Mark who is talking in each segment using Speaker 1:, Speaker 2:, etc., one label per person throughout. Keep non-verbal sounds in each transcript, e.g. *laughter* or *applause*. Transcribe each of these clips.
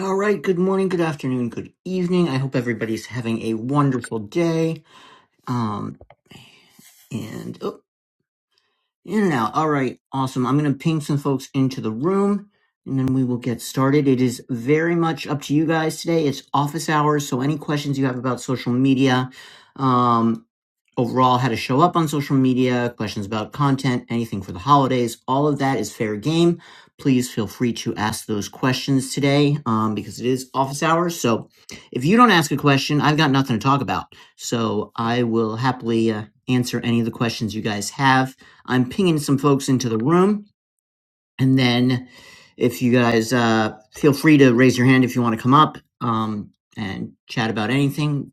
Speaker 1: All right. Good morning, good afternoon, good evening. I hope everybody's having a wonderful day. Um, and oh, in and out. All right. Awesome. I'm going to ping some folks into the room and then we will get started. It is very much up to you guys today. It's office hours. So any questions you have about social media, um overall how to show up on social media, questions about content, anything for the holidays, all of that is fair game. Please feel free to ask those questions today um, because it is office hours. So if you don't ask a question, I've got nothing to talk about. So I will happily uh, answer any of the questions you guys have. I'm pinging some folks into the room. And then if you guys uh, feel free to raise your hand if you want to come up um, and chat about anything,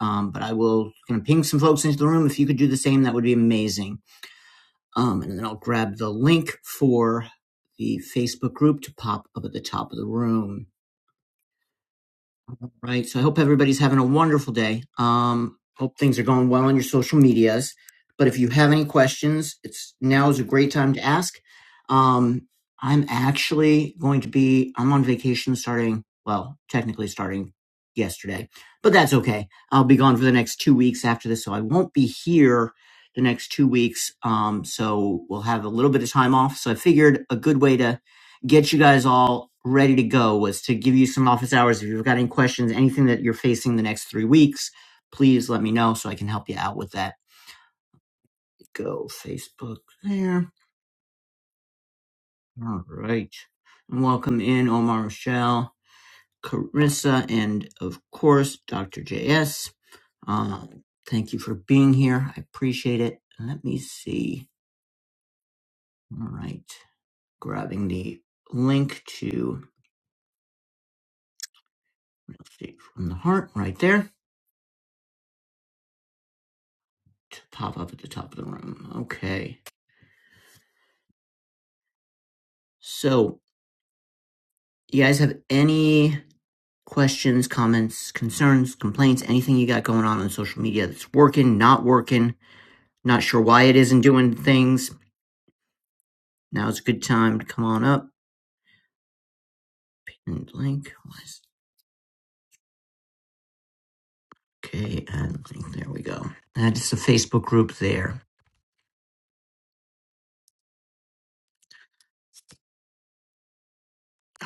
Speaker 1: um, but I will kind of ping some folks into the room. If you could do the same, that would be amazing. Um, and then I'll grab the link for the Facebook group to pop up at the top of the room. All Right. So I hope everybody's having a wonderful day. Um, hope things are going well on your social medias. But if you have any questions, it's now is a great time to ask. Um, I'm actually going to be I'm on vacation starting well, technically starting yesterday, but that's okay. I'll be gone for the next two weeks after this, so I won't be here the next two weeks. Um, so we'll have a little bit of time off. So I figured a good way to get you guys all ready to go was to give you some office hours. If you've got any questions, anything that you're facing the next three weeks, please let me know so I can help you out with that. Go Facebook there. All right. And welcome in Omar Michelle, Carissa, and of course, Dr. JS. Um, thank you for being here. I appreciate it. Let me see. All right. Grabbing the link to real estate from the heart right there to pop up at the top of the room. Okay. So, you guys have any questions, comments, concerns, complaints, anything you got going on on social media that's working, not working, not sure why it isn't doing things? Now's a good time to come on up and link. okay, and link. There we go. That is the Facebook group there.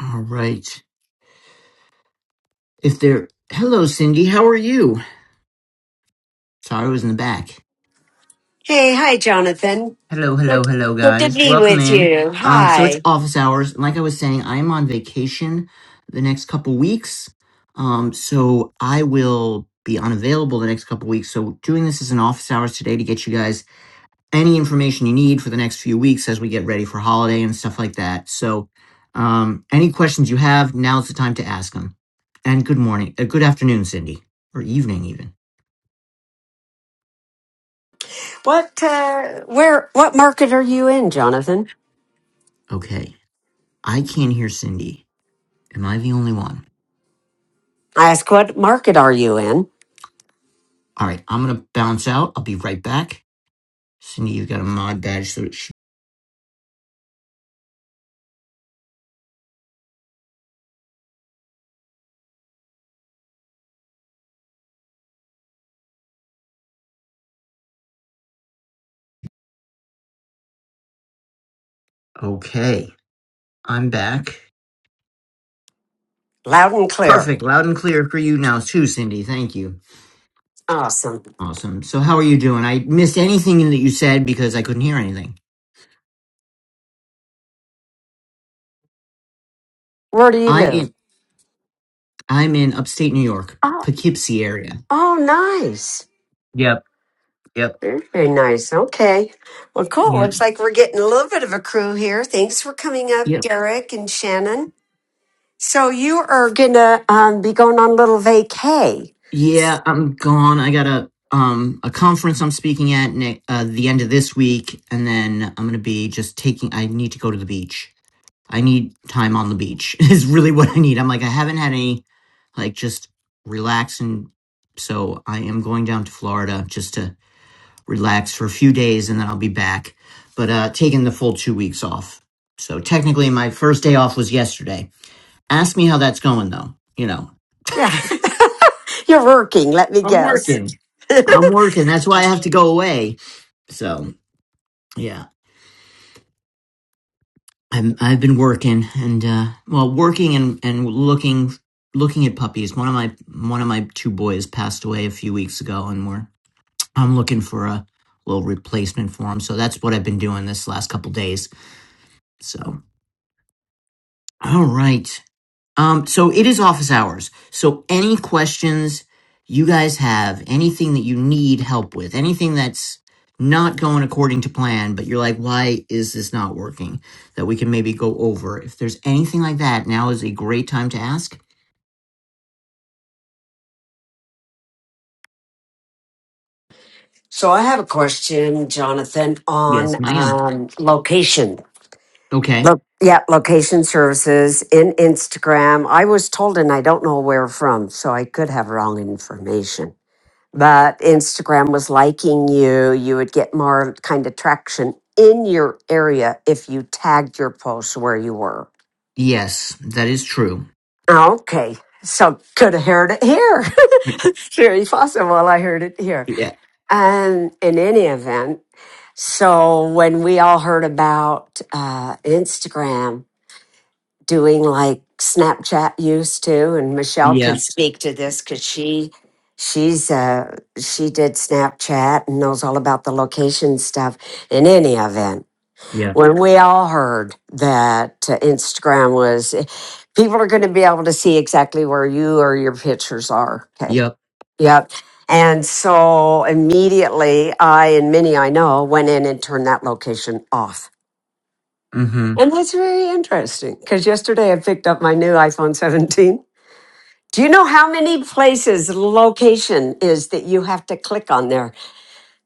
Speaker 1: All right. If they're hello, Cindy. How are you? Sorry, I was in the back.
Speaker 2: Hey, hi, Jonathan.
Speaker 1: Hello, hello,
Speaker 2: Good,
Speaker 1: hello,
Speaker 2: good to
Speaker 1: guys.
Speaker 2: be
Speaker 1: Welcome
Speaker 2: with
Speaker 1: in.
Speaker 2: you.
Speaker 1: Um, so it's
Speaker 2: Hi.
Speaker 1: office hours. And like I was saying, I am on vacation the next couple weeks. Um, so I will be unavailable the next couple weeks. So doing this as an office hours today to get you guys any information you need for the next few weeks as we get ready for holiday and stuff like that. So um, any questions you have, now's the time to ask them. And good morning, uh, good afternoon, Cindy, or evening even.
Speaker 2: What, uh, where, what market are you in, Jonathan?
Speaker 1: Okay, I can't hear Cindy. Am I the only one?
Speaker 2: I ask, what market are you in?
Speaker 1: All right, I'm gonna bounce out. I'll be right back. Cindy, you got a mod badge, so it should. Okay, I'm back.
Speaker 2: Loud and clear.
Speaker 1: Perfect, loud and clear for you now too, Cindy. Thank you.
Speaker 2: Awesome.
Speaker 1: Awesome. So how are you doing? I missed anything that you said because I couldn't hear anything.
Speaker 2: Where do you
Speaker 1: I
Speaker 2: live?
Speaker 1: in, I'm in upstate New York,
Speaker 2: Oh,
Speaker 1: Poughkeepsie area.
Speaker 2: oh, nice.
Speaker 1: Yep. Yep.
Speaker 2: Very very nice. Okay. Well, cool.
Speaker 1: Yep.
Speaker 2: Looks like we're getting a little bit of a crew here. Thanks for coming up,
Speaker 1: Yep.
Speaker 2: Derek and Shannon. So you are gonna um, be going on a little vacay.
Speaker 1: Yeah, I'm gone. I got a um a conference I'm speaking at ne- uh, the end of this week, and then I'm gonna be just taking. I need to go to the beach I need time on the beach *laughs* is really what I need. I'm like, I haven't had any, like, just relax. And so I am going down to Florida just to relax for a few days and then I'll be back, but uh, taking the full two weeks off. So technically, my first day off was yesterday. Ask me how that's going, though. You know,
Speaker 2: Yeah, *laughs* you're working. Let me
Speaker 1: I'm
Speaker 2: guess.
Speaker 1: working. I'm working. That's why
Speaker 2: *laughs*
Speaker 1: I have to go away. So, yeah. I've I've been working and uh well working and and looking looking at puppies. One of my one of my two boys passed away a few weeks ago and we're I'm looking for a little replacement for him. So that's what I've been doing this last couple days. So all right. Um, so it is office hours. So any questions you guys have, anything that you need help with, anything that's not going according to plan, but you're like, why is this not working? That we can maybe go over. If there's anything like that, now is a great time to ask.
Speaker 2: So I have a question, Jonathan, on
Speaker 1: Yes, ma'am.
Speaker 2: um, location.
Speaker 1: Okay.
Speaker 2: Lo- yeah, location services in Instagram. I was told, and I don't know where from, so I could have wrong information. But Instagram was liking you. You would get more kind of traction in your area if you tagged your posts where you were.
Speaker 1: Yes, that is true.
Speaker 2: Okay, so could have heard it here. *laughs* Very possible. I heard it here.
Speaker 1: Yeah.
Speaker 2: And in any event. So when we all heard about uh, Instagram doing like Snapchat used to, and Michelle can
Speaker 1: Yeah.
Speaker 2: speak to this because she she's uh, she did Snapchat and knows all about the location stuff. In any event
Speaker 1: Yeah.
Speaker 2: when we all heard that uh, Instagram was, eh, people are going to be able to see exactly where you or your pictures are. Okay.
Speaker 1: Yep.
Speaker 2: Yep. And so immediately I and many I know went in and turned that location off.
Speaker 1: Mm-hmm.
Speaker 2: And that's very interesting because yesterday I picked up my new iPhone 17. Do you know how many places location is that you have to click on there?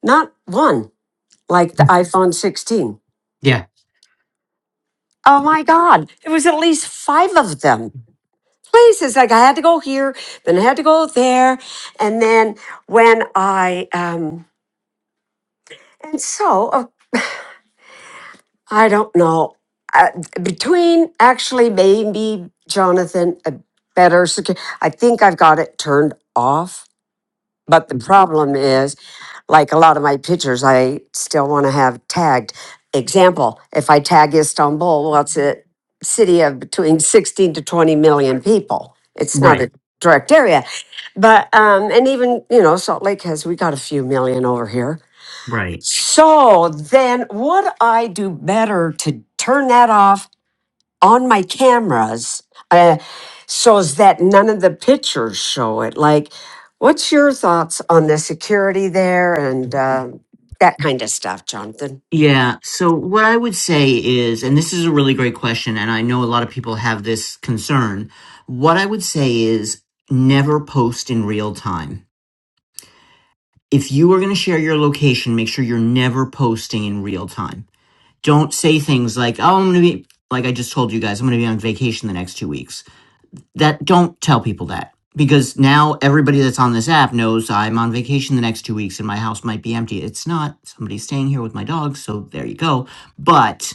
Speaker 2: Not one, like the iPhone 16.
Speaker 1: Yeah.
Speaker 2: Oh my God. It was at least five of them. places. Like I had to go here, then I had to go there, and then when I um, and so uh, I don't know uh, between actually maybe Jonathan a better security. I think I've got it turned off But the problem is, like a lot of my pictures, I still want to have tagged. Example, if I tag Istanbul, well, it's a city of between 16 to 20 million people. It's not
Speaker 1: Right.
Speaker 2: a direct area. But, um, and even, you know, Salt Lake has, we got a few million over here.
Speaker 1: Right.
Speaker 2: So then would I do better to turn that off on my cameras uh, so that none of the pictures show it. Like, what's your thoughts on the security there and uh, that kind of stuff, Jonathan?
Speaker 1: Yeah. So what I would say is, and this is a really great question, and I know a lot of people have this concern. What I would say is never post in real time. If you are going to share your location, make sure you're never posting in real time. Don't say things like, oh, I'm going to be, like I just told you guys, I'm going to be on vacation the next two weeks. That don't tell people that because now everybody that's on this app knows I'm on vacation the next two weeks and my house might be empty. It's not. Somebody's staying here with my dog. So there you go. But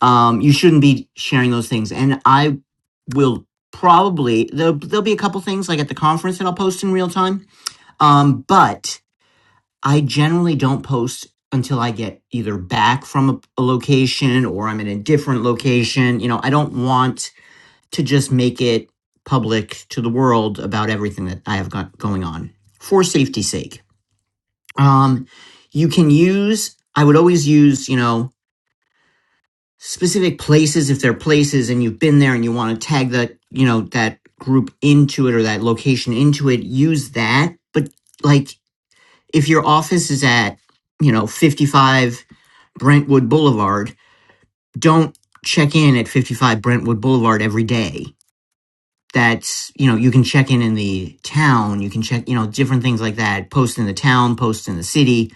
Speaker 1: um, you shouldn't be sharing those things. And I will probably there'll, there'll be a couple things like at the conference that I'll post in real time. Um, but I generally don't post until I get either back from a, a location or I'm in a different location. You know, I don't want to just make it public to the world about everything that I have got going on for safety's sake. Um, you can use. I would always use. You know specific places if they're places and you've been there and you want to tag that you know that group into it or that location into it use that but like if your office is at you know 55 brentwood boulevard don't check in at 55 brentwood boulevard every day that's you know you can check in in the town you can check you know different things like that post in the town post in the city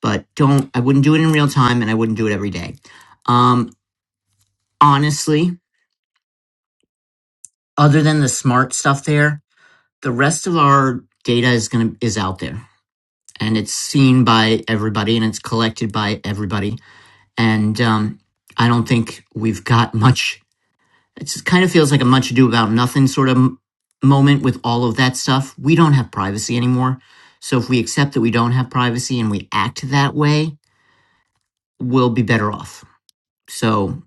Speaker 1: but don't i wouldn't do it in real time and i wouldn't do it every day um honestly other than the smart stuff there, the rest of our data is going to is out there and it's seen by everybody and it's collected by everybody. And um, I don't think we've got much. It just kind of feels like a much ado about nothing sort of m- moment with all of that stuff. We don't have privacy anymore. So if we accept that we don't have privacy and we act that way, we'll be better off. So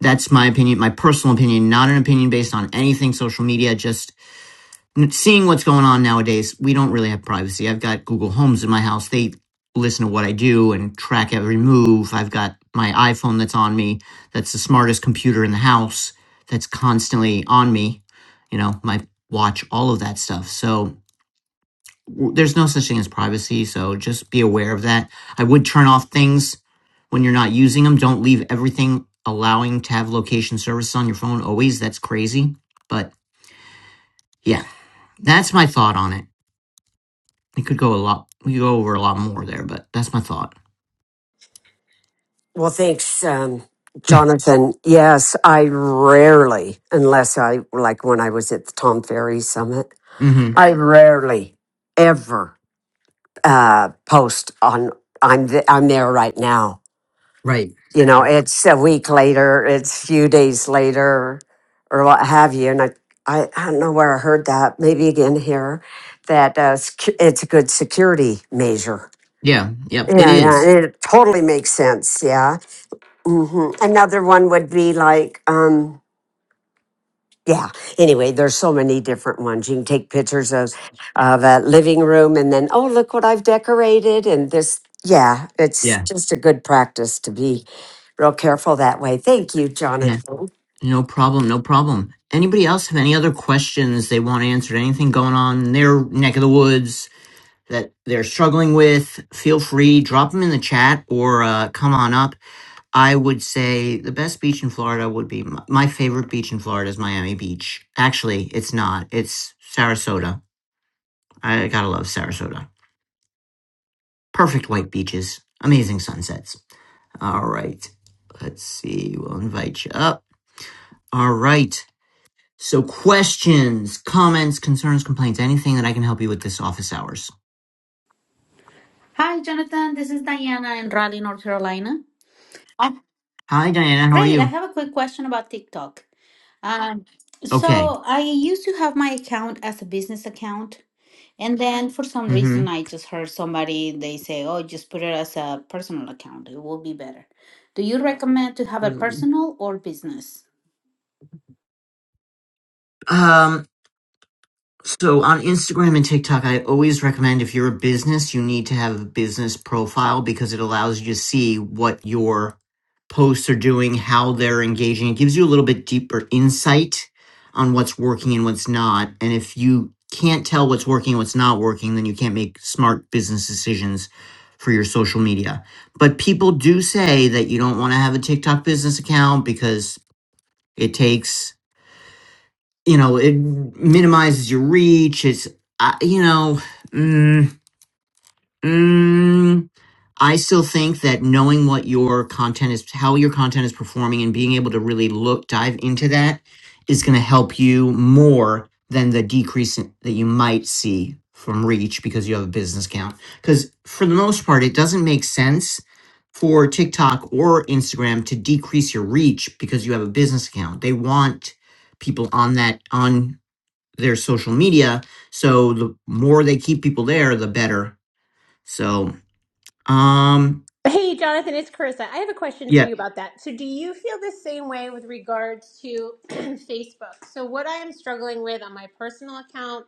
Speaker 1: that's my opinion, my personal opinion, not an opinion based on anything social media, just seeing what's going on nowadays, we don't really have privacy. I've got Google Homes in my house. They listen to what I do and track every move. I've got my iPhone that's on me. That's the smartest computer in the house. That's constantly on me. You know, my watch, all of that stuff. So w- there's no such thing as privacy. So just be aware of that. I would turn off things when you're not using them. Don't leave everything allowing to have location services on your phone always. That's crazy. But yeah, that's my thought on it. It could go a lot. We could go over a lot more there, but that's my thought.
Speaker 2: Well, thanks, um, Jonathan. Yes, I rarely, unless I like when I was at the Tom Ferry Summit,
Speaker 1: hmm
Speaker 2: I rarely ever uh, post on. I'm th- I'm there right now
Speaker 1: Right.
Speaker 2: you know,
Speaker 1: Right.
Speaker 2: it's a week later, it's a few days later, or what have you. And I, I, I don't know where I heard that, maybe again here, that uh, sec- it's a good security measure.
Speaker 1: Yeah. Yep. It
Speaker 2: Yeah, yeah,
Speaker 1: is.
Speaker 2: it totally makes sense. Yeah. hmm Another one would be like, um, yeah anyway there's so many different ones you can take pictures of of a living room and then oh look what i've decorated and this yeah it's
Speaker 1: Yeah.
Speaker 2: just a good practice to be real careful that way thank you
Speaker 1: Yeah.
Speaker 2: jonathan
Speaker 1: No problem. No problem. Anybody else have any other questions they want answered? Anything going on in their neck of the woods that they're struggling with? Feel free, drop them in the chat or uh, come on up. I would say the best beach in Florida would be my, my favorite beach in Florida is Miami Beach. Actually, it's not. It's Sarasota. I gotta love Sarasota. Perfect white beaches, amazing sunsets. All right. Let's see. We'll invite you up. All right. So, questions, comments, concerns, complaints, anything that I can help you with this office hours.
Speaker 3: Hi, Jonathan. This is Diana in Raleigh, North Carolina. Oh,
Speaker 1: Hi, Diana. How are
Speaker 3: great. I
Speaker 1: you?
Speaker 3: have a quick question about TikTok. Um,
Speaker 1: Okay.
Speaker 3: so I used to have my account as a business account, and then for some
Speaker 1: Mm-hmm.
Speaker 3: reason I just heard somebody they say, "Oh, just put it as a personal account. It will be better." Do you recommend to have a personal or business?
Speaker 1: Um, So on Instagram and TikTok, I always recommend if you're a business, you need to have a business profile because it allows you to see what your posts are doing, how they're engaging. It gives you a little bit deeper insight on what's working and what's not. And if you can't tell what's working and what's not working, then you can't make smart business decisions for your social media. But people do say that you don't want to have a TikTok business account because it takes you know it minimizes your reach it's I you know mm, mm, i still think that knowing what your content is how your content is performing and being able to really look dive into that is going to help you more than the decrease in- that you might see from reach because you have a business account because for the most part it doesn't make sense for tiktok or instagram to decrease your reach because you have a business account they want people on that on their social media. So the more they keep people there, the better. So, um,
Speaker 4: Hey, Jonathan, it's Carissa. I have a question for
Speaker 1: yeah,
Speaker 4: you about that. So, do you feel the same way with regards to *clears throat* Facebook? So, what I am struggling with on my personal account,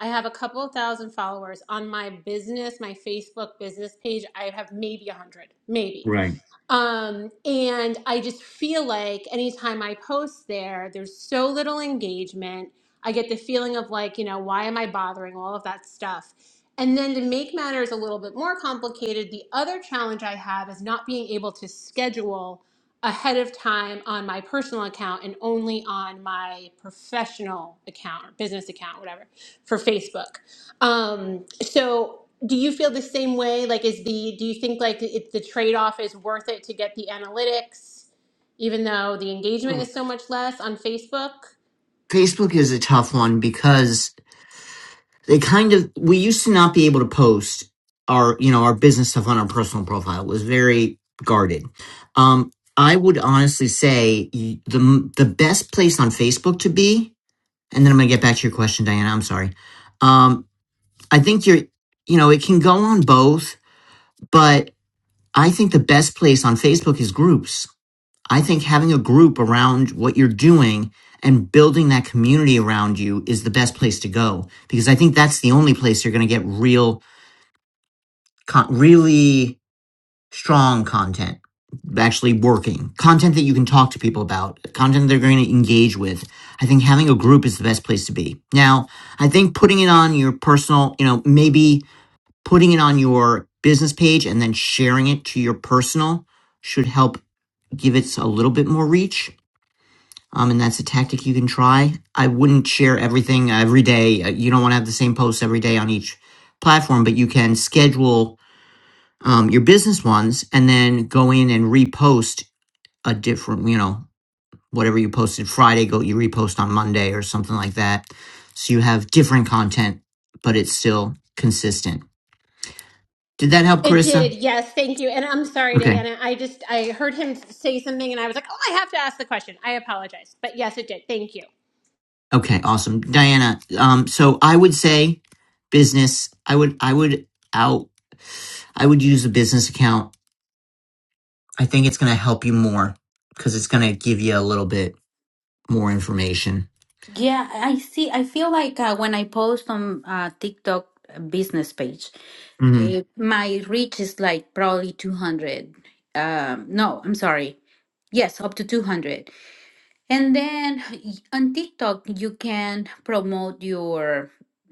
Speaker 4: I have a couple of thousand followers. On my business, my Facebook business page, I have maybe a 100, maybe.
Speaker 1: right.
Speaker 4: Um, and I just feel like anytime I post there, there's so little engagement. I get the feeling of like, you know, why am I bothering all of that stuff? And then to make matters a little bit more complicated, the other challenge I have is not being able to schedule ahead of time on my personal account and only on my professional account or business account, whatever, for Facebook. Um, so do you feel the same way? Like, is the, do you think like it, the trade off is worth it to get the analytics, even though the engagement is so much less on Facebook?
Speaker 1: Facebook is a tough one because they kind of we used to not be able to post our you know our business stuff on our personal profile. It was very guarded. Um, I would honestly say y- the the best place on Facebook to be, and then I'm gonna get back to your question, Diana. I'm sorry. Um, I think you're you know it can go on both, but. I think the best place on Facebook is groups. I think having a group around what you're doing and building that community around you is the best place to go because I think that's the only place you're going to get real, really strong content actually working content that you can talk to people about content they're going to engage with i think having a group is the best place to be now i think putting it on your personal you know maybe putting it on your business page and then sharing it to your personal should help give it a little bit more reach. Um, and that's a tactic you can try. I wouldn't share everything every day. Uh, You don't want to have the same posts every day on each platform, but you can schedule um, your business ones and then go in and repost a different, you know, whatever you posted Friday, go you repost on Monday or something like that. So you have different content, but it's still consistent. Did that help,
Speaker 4: It did,
Speaker 1: Carissa?
Speaker 4: yes, thank you. And I'm sorry,
Speaker 1: Okay.
Speaker 4: Diana. I just I heard him say something, and I was like, "Oh, I have to ask the question." I apologize, but yes, it did. Thank you.
Speaker 1: Okay, awesome. Diana, um, so I would say business. I would I would out I would use a business account. I think it's gonna help you more because it's gonna give you a little bit more information.
Speaker 3: Yeah, I see. I feel like uh, when I post on uh, TikTok business page,
Speaker 1: hmm
Speaker 3: eh, my reach is like probably 200. Um, no, I'm sorry. Yes, up to 200. And then y- on TikTok, you can promote your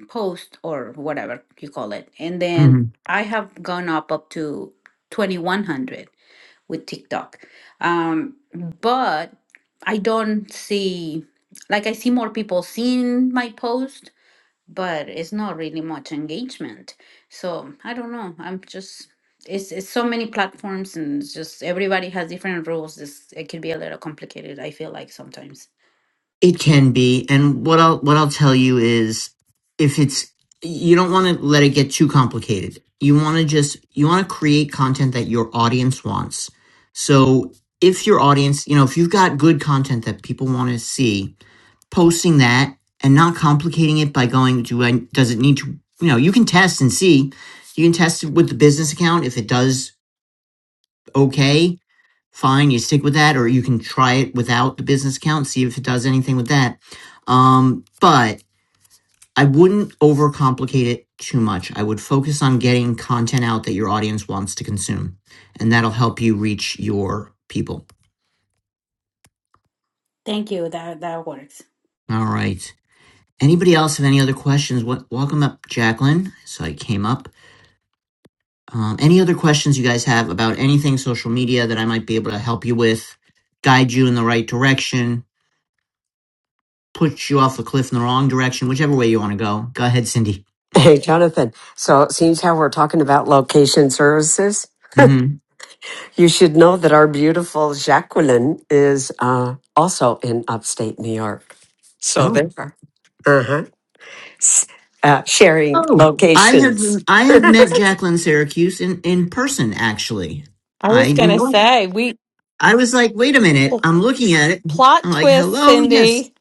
Speaker 3: post or whatever you call it. And
Speaker 1: hmm
Speaker 3: then I have gone up up to 2100 with TikTok. Um, but I don't see, like, I see more people seeing my post, but it's not really much engagement. So I don't know. I'm just, it's, it's so many platforms and it's just everybody has different rules. It's, it can be a little complicated, I feel like sometimes.
Speaker 1: It can be. And what I'll what I'll tell you is if it's you don't wanna let it get too complicated. You wanna just you wanna create content that your audience wants. So if your audience, you know, if you've got good content that people want to see, posting that and not complicating it by going do I does it need to you know you can test and see you can test it with the business account if it does okay fine you stick with that or you can try it without the business account see if it does anything with that um but I wouldn't overcomplicate it too much I would focus on getting content out that your audience wants to consume and that'll help you reach your people
Speaker 3: Thank you. That that works.
Speaker 1: all right anybody else have any other questions what welcome up Jacqueline so I came up Um, any other questions you guys have about anything social media that I might be able to help you with, guide you in the right direction, push you off a cliff in the wrong direction, whichever way you want to go? Go ahead, Cindy.
Speaker 2: *laughs* hey jonathan so it seems how we're talking about location services
Speaker 1: hmm
Speaker 2: you should know that our beautiful jacqueline is uh, also in upstate new york so
Speaker 1: Oh,
Speaker 2: there uh-huh S- uh, sharing
Speaker 1: oh, I have
Speaker 2: locations
Speaker 1: I have met
Speaker 2: *laughs*
Speaker 1: Jacqueline Syracuse in in person actually.
Speaker 5: I was
Speaker 1: I
Speaker 5: going to
Speaker 1: know.
Speaker 5: say, we
Speaker 1: I was like, wait a minute,
Speaker 5: pl-
Speaker 1: I'm looking at it.
Speaker 5: plot
Speaker 1: I'm like,
Speaker 5: twist,
Speaker 1: hello, yes,
Speaker 5: Cindy.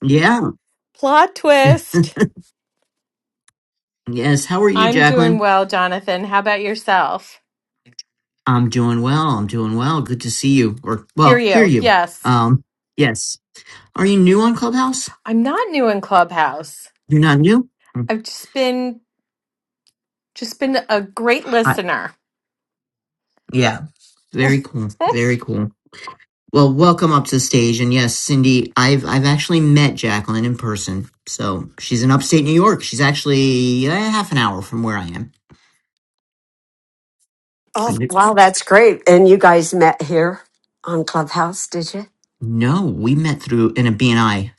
Speaker 1: yeah,
Speaker 5: Plot twist.
Speaker 1: yes. How are you,
Speaker 5: I'm doing
Speaker 1: Jacqueline?
Speaker 5: well, Jonathan. How about yourself?
Speaker 1: I'm doing well. I'm doing well. Good to see you, or
Speaker 5: Hear
Speaker 1: well, hear
Speaker 5: you.
Speaker 1: you.
Speaker 5: Yes.
Speaker 1: Um, yes. Are you new on Clubhouse?
Speaker 5: I'm not new in Clubhouse.
Speaker 1: You're not new? Mm,
Speaker 5: I've just been just been a great
Speaker 1: Hot.
Speaker 5: listener.
Speaker 1: Yeah.
Speaker 5: *laughs*
Speaker 1: Very cool. Very cool. Well, welcome up to the stage. And yes, Cindy, I've I've actually met Jacqueline in person. So she's in upstate New York. She's actually uh, half an hour from where I am.
Speaker 2: Oh, wow, that's great. And you guys met here on Clubhouse, did you?
Speaker 1: No, we met through in a BNI.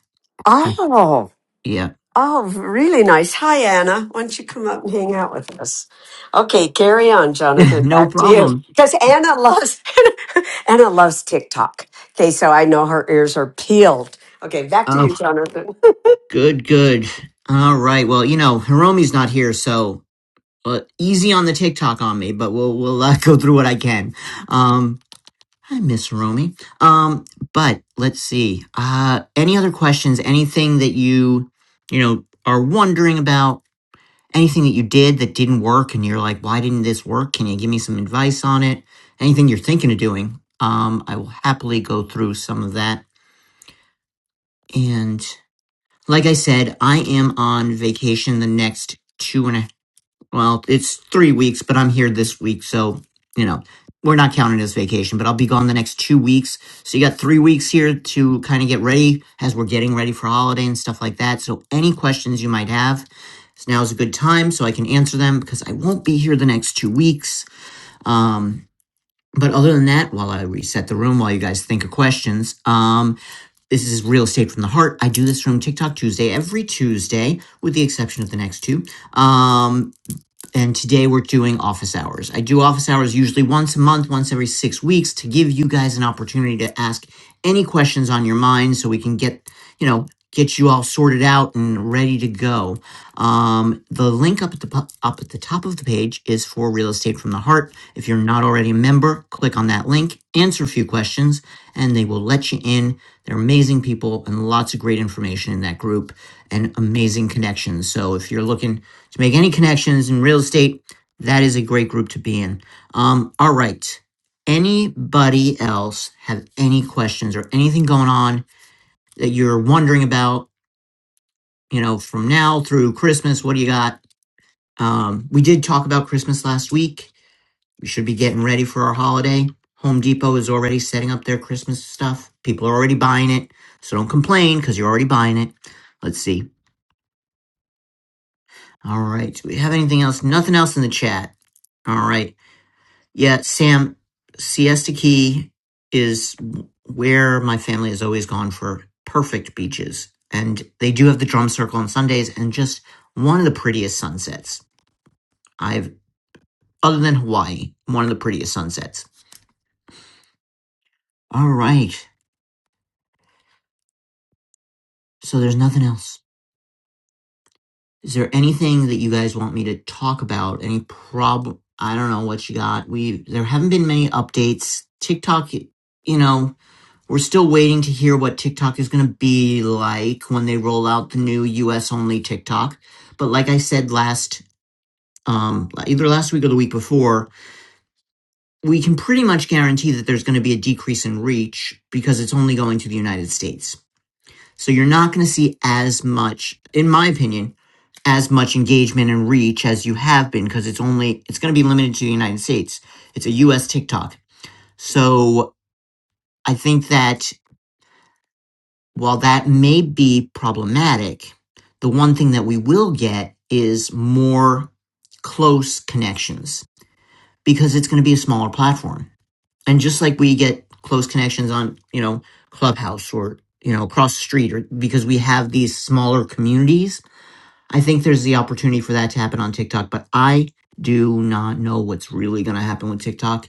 Speaker 1: Uh,
Speaker 2: Oh,
Speaker 1: yeah.
Speaker 2: oh, really nice. Hi, Anna. Why don't you come up and hang out with us? Okay, carry on,
Speaker 1: *laughs*
Speaker 2: Jonathan.
Speaker 1: no
Speaker 2: Back to you.
Speaker 1: problem.
Speaker 2: Because Anna loves *laughs* Anna loves TikTok. Okay, so I know her ears are peeled. Okay, back to you,
Speaker 1: Oh,
Speaker 2: Jonathan. *laughs*
Speaker 1: good, good. All right. Well, you know, Hiromi's not here, so uh, easy on the TikTok on me, but we'll we'll uh, *laughs* go through what I can. Um, Hi, Miss Romy. Um, but let's see. Uh, any other questions? Anything that you, you know, are wondering about? Anything that you did that didn't work, and you're like, why didn't this work? Can you give me some advice on it? Anything you're thinking of doing? Um, I will happily go through some of that. And like I said, I am on vacation the next two and a. Well, it's three weeks, but I'm here this week, so you know we're not counting as vacation. But I'll be gone the next two weeks, so you got three weeks here to kind of get ready as we're getting ready for holiday and stuff like that. So any questions you might have, so now is a good time so I can answer them because I won't be here the next two weeks. Um, but other than that, while I reset the room, while you guys think of questions, um, this is real estate from the heart. I do this room TikTok Tuesday every Tuesday, with the exception of the next two. Um, and today we're doing office hours. I do office hours usually once a month, once every six weeks to give you guys an opportunity to ask any questions on your mind so we can get, you know, get you all sorted out and ready to go. Um, the link up at the po- up at the top of the page is for Real Estate from the Heart. If you're not already a member, click on that link, answer a few questions, and they will let you in. They're amazing people and lots of great information in that group and amazing connections. So if you're looking to make any connections in real estate, that is a great group to be in. Um, all right. Anybody else have any questions or anything going on that you're wondering about, you know, from now through Christmas? What do you got? Um, we did talk about Christmas last week. We should be getting ready for our holiday. Home Depot is already setting up their Christmas stuff. People are already buying it. So don't complain because you're already buying it. Let's see. All right. Do we have anything else? Nothing else in the chat. All right. Yeah, Sam, Siesta Key is where my family has always gone for perfect beaches. And they do have the drum circle on Sundays and just one of the prettiest sunsets. I've, other than Hawaii, one of the prettiest sunsets. All right. So there's nothing else. Is there anything that you guys want me to talk about? Any problem? I don't know what you got. We, there haven't been many updates. TikTok, you know, We're still waiting to hear what TikTok is going to be like when they roll out the new US only TikTok. But like I said last, um, either last week or the week before, we can pretty much guarantee that there's going to be a decrease in reach because it's only going to the United States. So you're not going to see as much, in my opinion, as much engagement and reach as you have been because it's only it's going to be limited to the United States. It's a US TikTok. So I think that While that may be problematic, the one thing that we will get is more close connections because it's going to be a smaller platform. And just like we get close connections on, you know, Clubhouse or, you know, across the street or because we have these smaller communities, I think there's the opportunity for that to happen on TikTok, but I do not know what's really going to happen with TikTok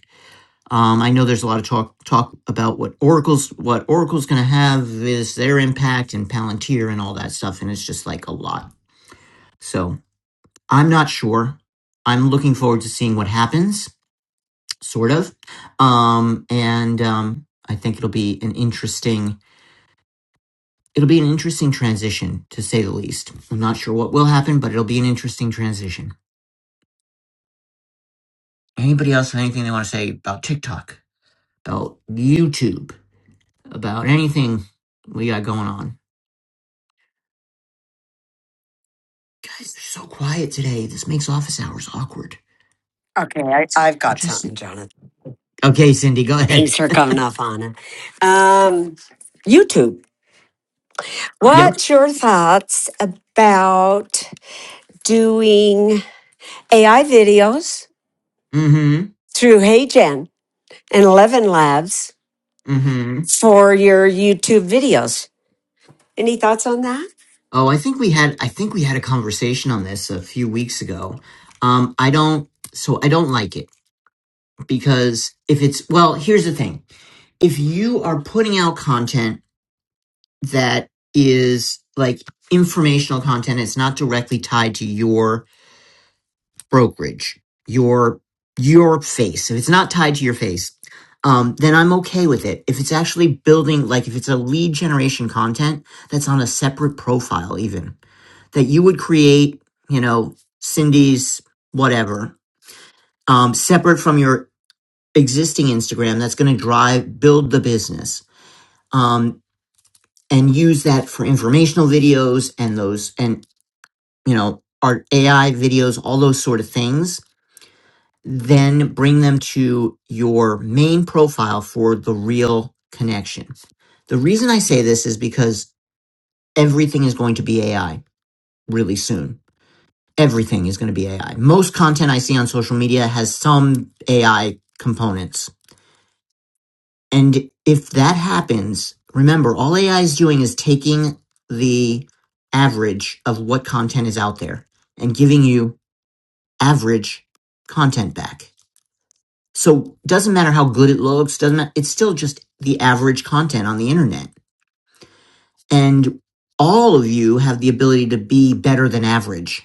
Speaker 1: um, I know there's a lot of talk talk about what Oracle's what Oracle's going to have is their impact and Palantir and all that stuff, and it's just like a lot. So I'm not sure. I'm looking forward to seeing what happens, sort of, um, and um, I think it'll be an interesting it'll be an interesting transition to say the least. I'm not sure what will happen, but it'll be an interesting transition. Anybody else have anything they want to say about TikTok, about YouTube, about anything we got going on? Guys, they're so quiet today. This makes office hours awkward.
Speaker 2: Okay, I, I've
Speaker 1: I'll
Speaker 2: got
Speaker 1: just
Speaker 2: something,
Speaker 1: sit.
Speaker 2: Jonathan.
Speaker 1: Okay, Cindy, go ahead.
Speaker 2: Thanks for coming up, Anna. Um, YouTube.
Speaker 1: Yep.
Speaker 2: What's your thoughts about doing? AI videos
Speaker 1: Mm-hmm.
Speaker 2: through HeyGen and Eleven Labs
Speaker 1: Mm-hmm.
Speaker 2: for your YouTube videos. Any thoughts on that?
Speaker 1: Oh, I think we had I think we had a conversation on this a few weeks ago. Um, I don't so I don't like it because if it's well, here's the thing. If you are putting out content that is like informational content, it's not directly tied to your brokerage, your your face, if it's not tied to your face, um, then I'm okay with it. If it's actually building, like if it's a lead generation content that's on a separate profile, even that you would create, you know, Cindy's whatever, um, separate from your existing Instagram, that's going to drive build the business, um, and use that for informational videos and those and you know art AI videos, all those sort of things then bring them to your main profile for the real connection. The reason I say this is because everything is going to be AI really soon. Everything is going to be AI. Most content I see on social media has some AI components. And if that happens, remember, all AI is doing is taking the average of what content is out there and giving you average content back So doesn't matter how good it looks, doesn't matter, it's still just the average content on the internet. And all of you have the ability to be better than average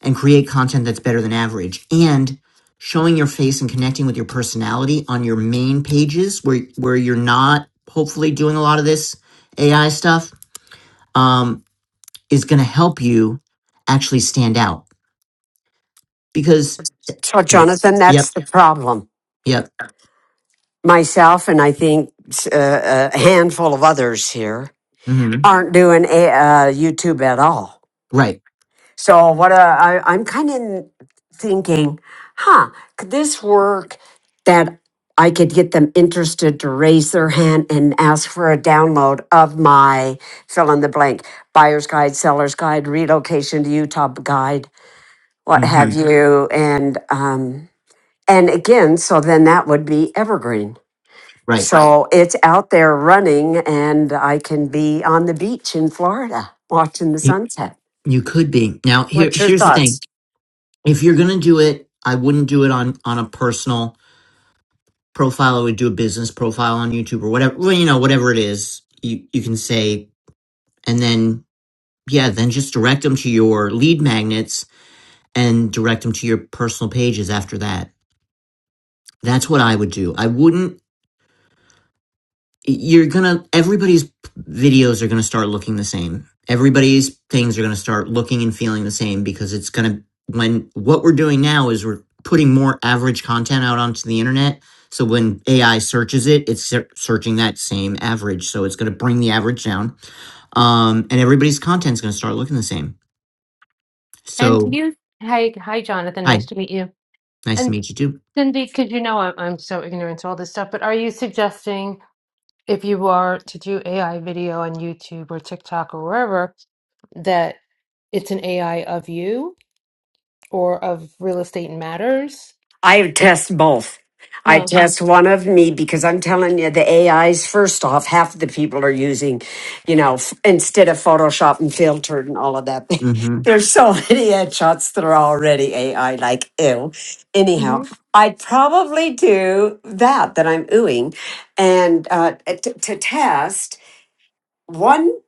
Speaker 1: and create content that's better than average and showing your face and connecting with your personality on your main pages where where you're not hopefully doing a lot of this AI stuff um, is going to help you actually stand out because
Speaker 2: So,
Speaker 1: yep
Speaker 2: Jonathan,
Speaker 1: yep,
Speaker 2: that's the problem.
Speaker 1: yep.
Speaker 2: Myself and I think uh, a handful of others here
Speaker 1: hmm
Speaker 2: aren't doing a, uh, YouTube at all.
Speaker 1: right
Speaker 2: So what uh, I, I'm kind of thinking, huh, could this work that I could get them interested to raise their hand and ask for a download of my fill in the blank buyer's guide, seller's guide, relocation to Utah guide, what have
Speaker 1: hmm
Speaker 2: Mhm. you, and um, and again, so then that would be evergreen. Right.
Speaker 1: right
Speaker 2: So it's out there running, and I can be on the beach in Florida watching the sunset.
Speaker 1: You could be. Now, here,
Speaker 2: What's your
Speaker 1: here's the
Speaker 2: thoughts?
Speaker 1: thing. If you're going to do it, I wouldn't do it on, on a personal profile. I would do a business profile on YouTube or whatever, well, you know, whatever it is you, you can say. And then, yeah, then just direct them to your lead magnets and direct them to your personal pages after that. That's what I would do. I wouldn't you're gonna everybody's videos are gonna start looking the same everybody's things are gonna start looking and feeling the same because it's gonna when what we're doing now is we're putting more average content out onto the internet so when ai searches it it's ser- searching that same average so it's gonna bring the average down um and everybody's content's gonna start looking the same
Speaker 6: And
Speaker 1: so
Speaker 6: you, hi, hi, Jonathan. Nice
Speaker 1: hi
Speaker 6: to meet you.
Speaker 1: nice to
Speaker 6: And
Speaker 1: meet you too
Speaker 6: Cindy, because you know I'm, I'm so ignorant to all this stuff, but are you suggesting if you are to do AI video on YouTube or TikTok or wherever, that it's an AI of you or of real estate matters?
Speaker 2: I test both. I
Speaker 6: Oh,
Speaker 2: test one of me because I'm telling you, the AIs, first off, half of the people are using, you know, f- instead of Photoshop and filtered and all of that.
Speaker 1: Mm-hmm.
Speaker 2: *laughs* There's so many headshots that are already AI, like, ew. Anyhow,
Speaker 6: hmm
Speaker 2: I'd probably do that, that I'm oohing, and uh, t- to test one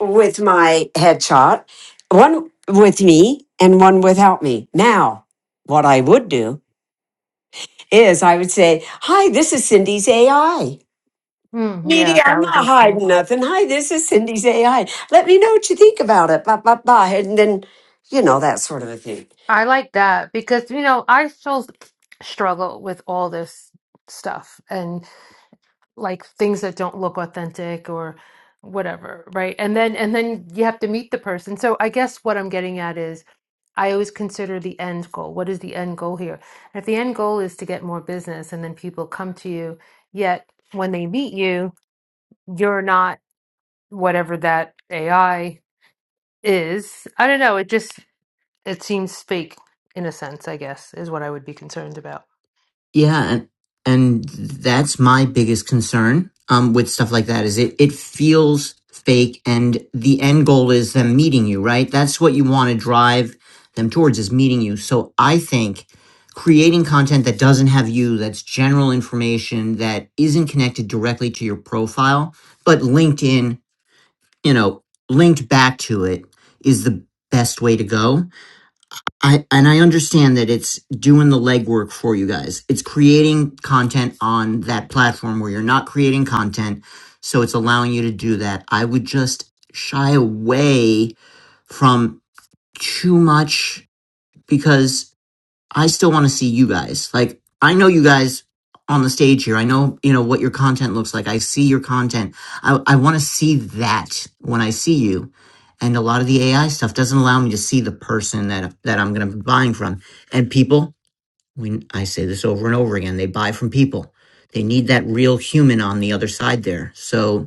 Speaker 2: with my headshot, one with me, and one without me. Now, what I would do is I would say, Hi, this is Cindy's AI.
Speaker 6: yeah,
Speaker 2: Media,
Speaker 6: that
Speaker 2: I'm
Speaker 6: would
Speaker 2: not
Speaker 6: be smart.
Speaker 2: hiding nothing. Hi, this is Cindy's AI. Let me know what you think about it. Blah, blah, blah. And then, you know, that sort of a thing.
Speaker 6: I like that because, you know, I still struggle with all this stuff. and. like things that don't look authentic or whatever right and then and then you have to meet the person so i guess what i'm getting at is i always consider the end goal what is the end goal here if the end goal is to get more business and then people come to you yet when they meet you you're not whatever that ai is i don't know it just it seems fake in a sense i guess is what i would be concerned about
Speaker 1: Yeah, and, and that's my biggest concern um, with stuff like that is it it feels fake, and the end goal is them meeting you, right? That's what you want to drive them towards is meeting you. So I think creating content that doesn't have you, that's general information that isn't connected directly to your profile, but linked in, you know, linked back to it is the best way to go I and I understand that it's doing the legwork for you guys. It's creating content on that platform where you're not creating content, so it's allowing you to do that. I would just shy away from too much because I still want to see you guys. Like, I know you guys on the stage here. I know, you know, what your content looks like. I see your content. I, I want to see that when I see you. And a lot of the AI stuff doesn't allow me to see the person that, that I'm going to be buying from. And people, when I say this over and over again, they buy from people. They need that real human on the other side there. So,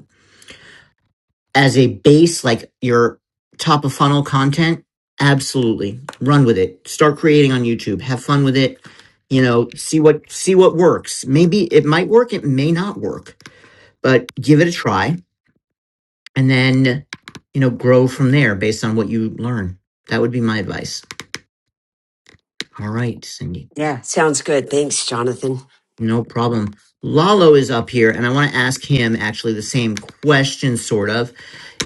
Speaker 1: as a base, like your top of funnel content, absolutely run with it. Start creating on YouTube. Have fun with it. You know, see what see what works. Maybe it might work, it may not work, but give it a try and then, you know, grow from there based on what you learn. That would be my advice. All right, Cindy.
Speaker 2: Yeah, sounds good. Thanks, Jonathan.
Speaker 1: No problem. Lalo is up here and I want to ask him actually the same question sort of.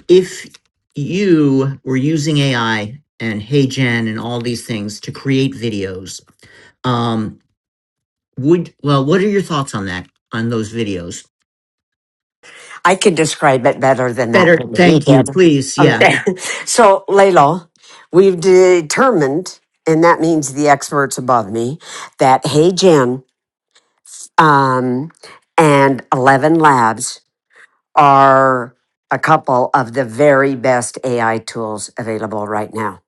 Speaker 1: if you were using AI and HeyGen and all these things to create videos, um, would well, what are your thoughts on that? On those videos?
Speaker 2: I can describe it better than that,
Speaker 1: Better,
Speaker 2: but he
Speaker 1: thank you,
Speaker 2: did.
Speaker 1: please. Yeah,
Speaker 2: Okay. *laughs* So, Layla, we've determined, and that means the experts above me, that Hey Jen um, and 11 Labs are a couple of the very best AI tools available right now.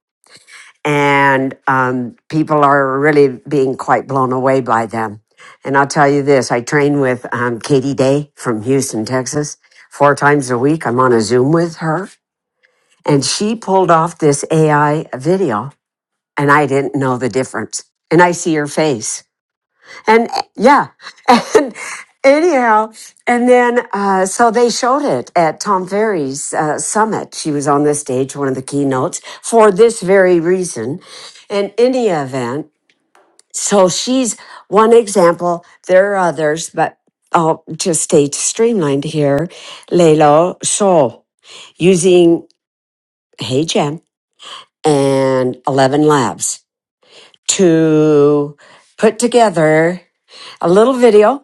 Speaker 2: And um, people are really being quite blown away by them. And I'll tell you this I train with um, Katie Day from Houston, Texas, four times a week. I'm on a Zoom with her. And she pulled off this AI video, and I didn't know the difference. And I see her face. And uh, yeah, *laughs* and anyhow, and then uh, so they showed it at Tom Ferry's uh, summit. She was on the stage, one of the keynotes, for this very reason. In any event, so she's one example. There are others, but I'll just stay streamlined here. Lelo Sol using HeyGen and Eleven Labs to put together a little video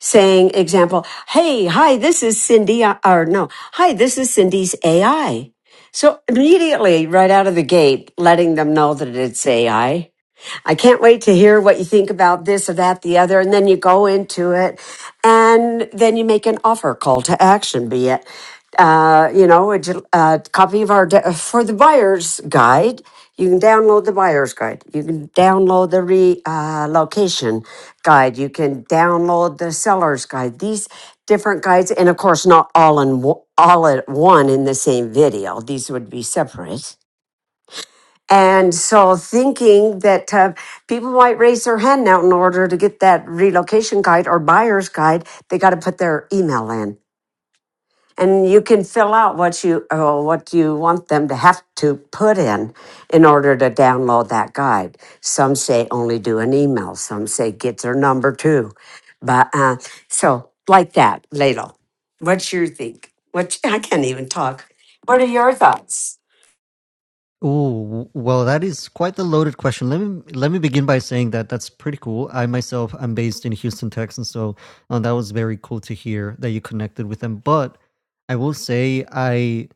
Speaker 2: saying, example, hey, hi, this is Cindy, uh, or no, hi, this is Cindy's AI. So immediately, right out of the gate, letting them know that it's AI. I can't wait to hear what you think about this or that, the other. And then you go into it and then you make an offer call to action, be it, uh, you know, a, j- a copy of our, de- for the buyer's guide. You can download the buyer's guide. You can download the re, uh, location guide. You can download the seller's guide. These different guides, and of course, not all in wo- all at one in the same video. These would be separate and so, thinking that uh, people might raise their hand now in order to get that relocation guide or buyer's guide, they got to put their email in, and you can fill out what you uh, what you want them to have to put in in order to download that guide. Some say only do an email. Some say get their number too, but uh, so like that, Ladle. What's your think? What I can't even talk. What are your thoughts?
Speaker 7: Oh, well, that is quite the loaded question. Let me let me begin by saying that that's pretty cool. I myself am based in Houston, Texas, so uh, that was very cool to hear that you connected with them. But I will say I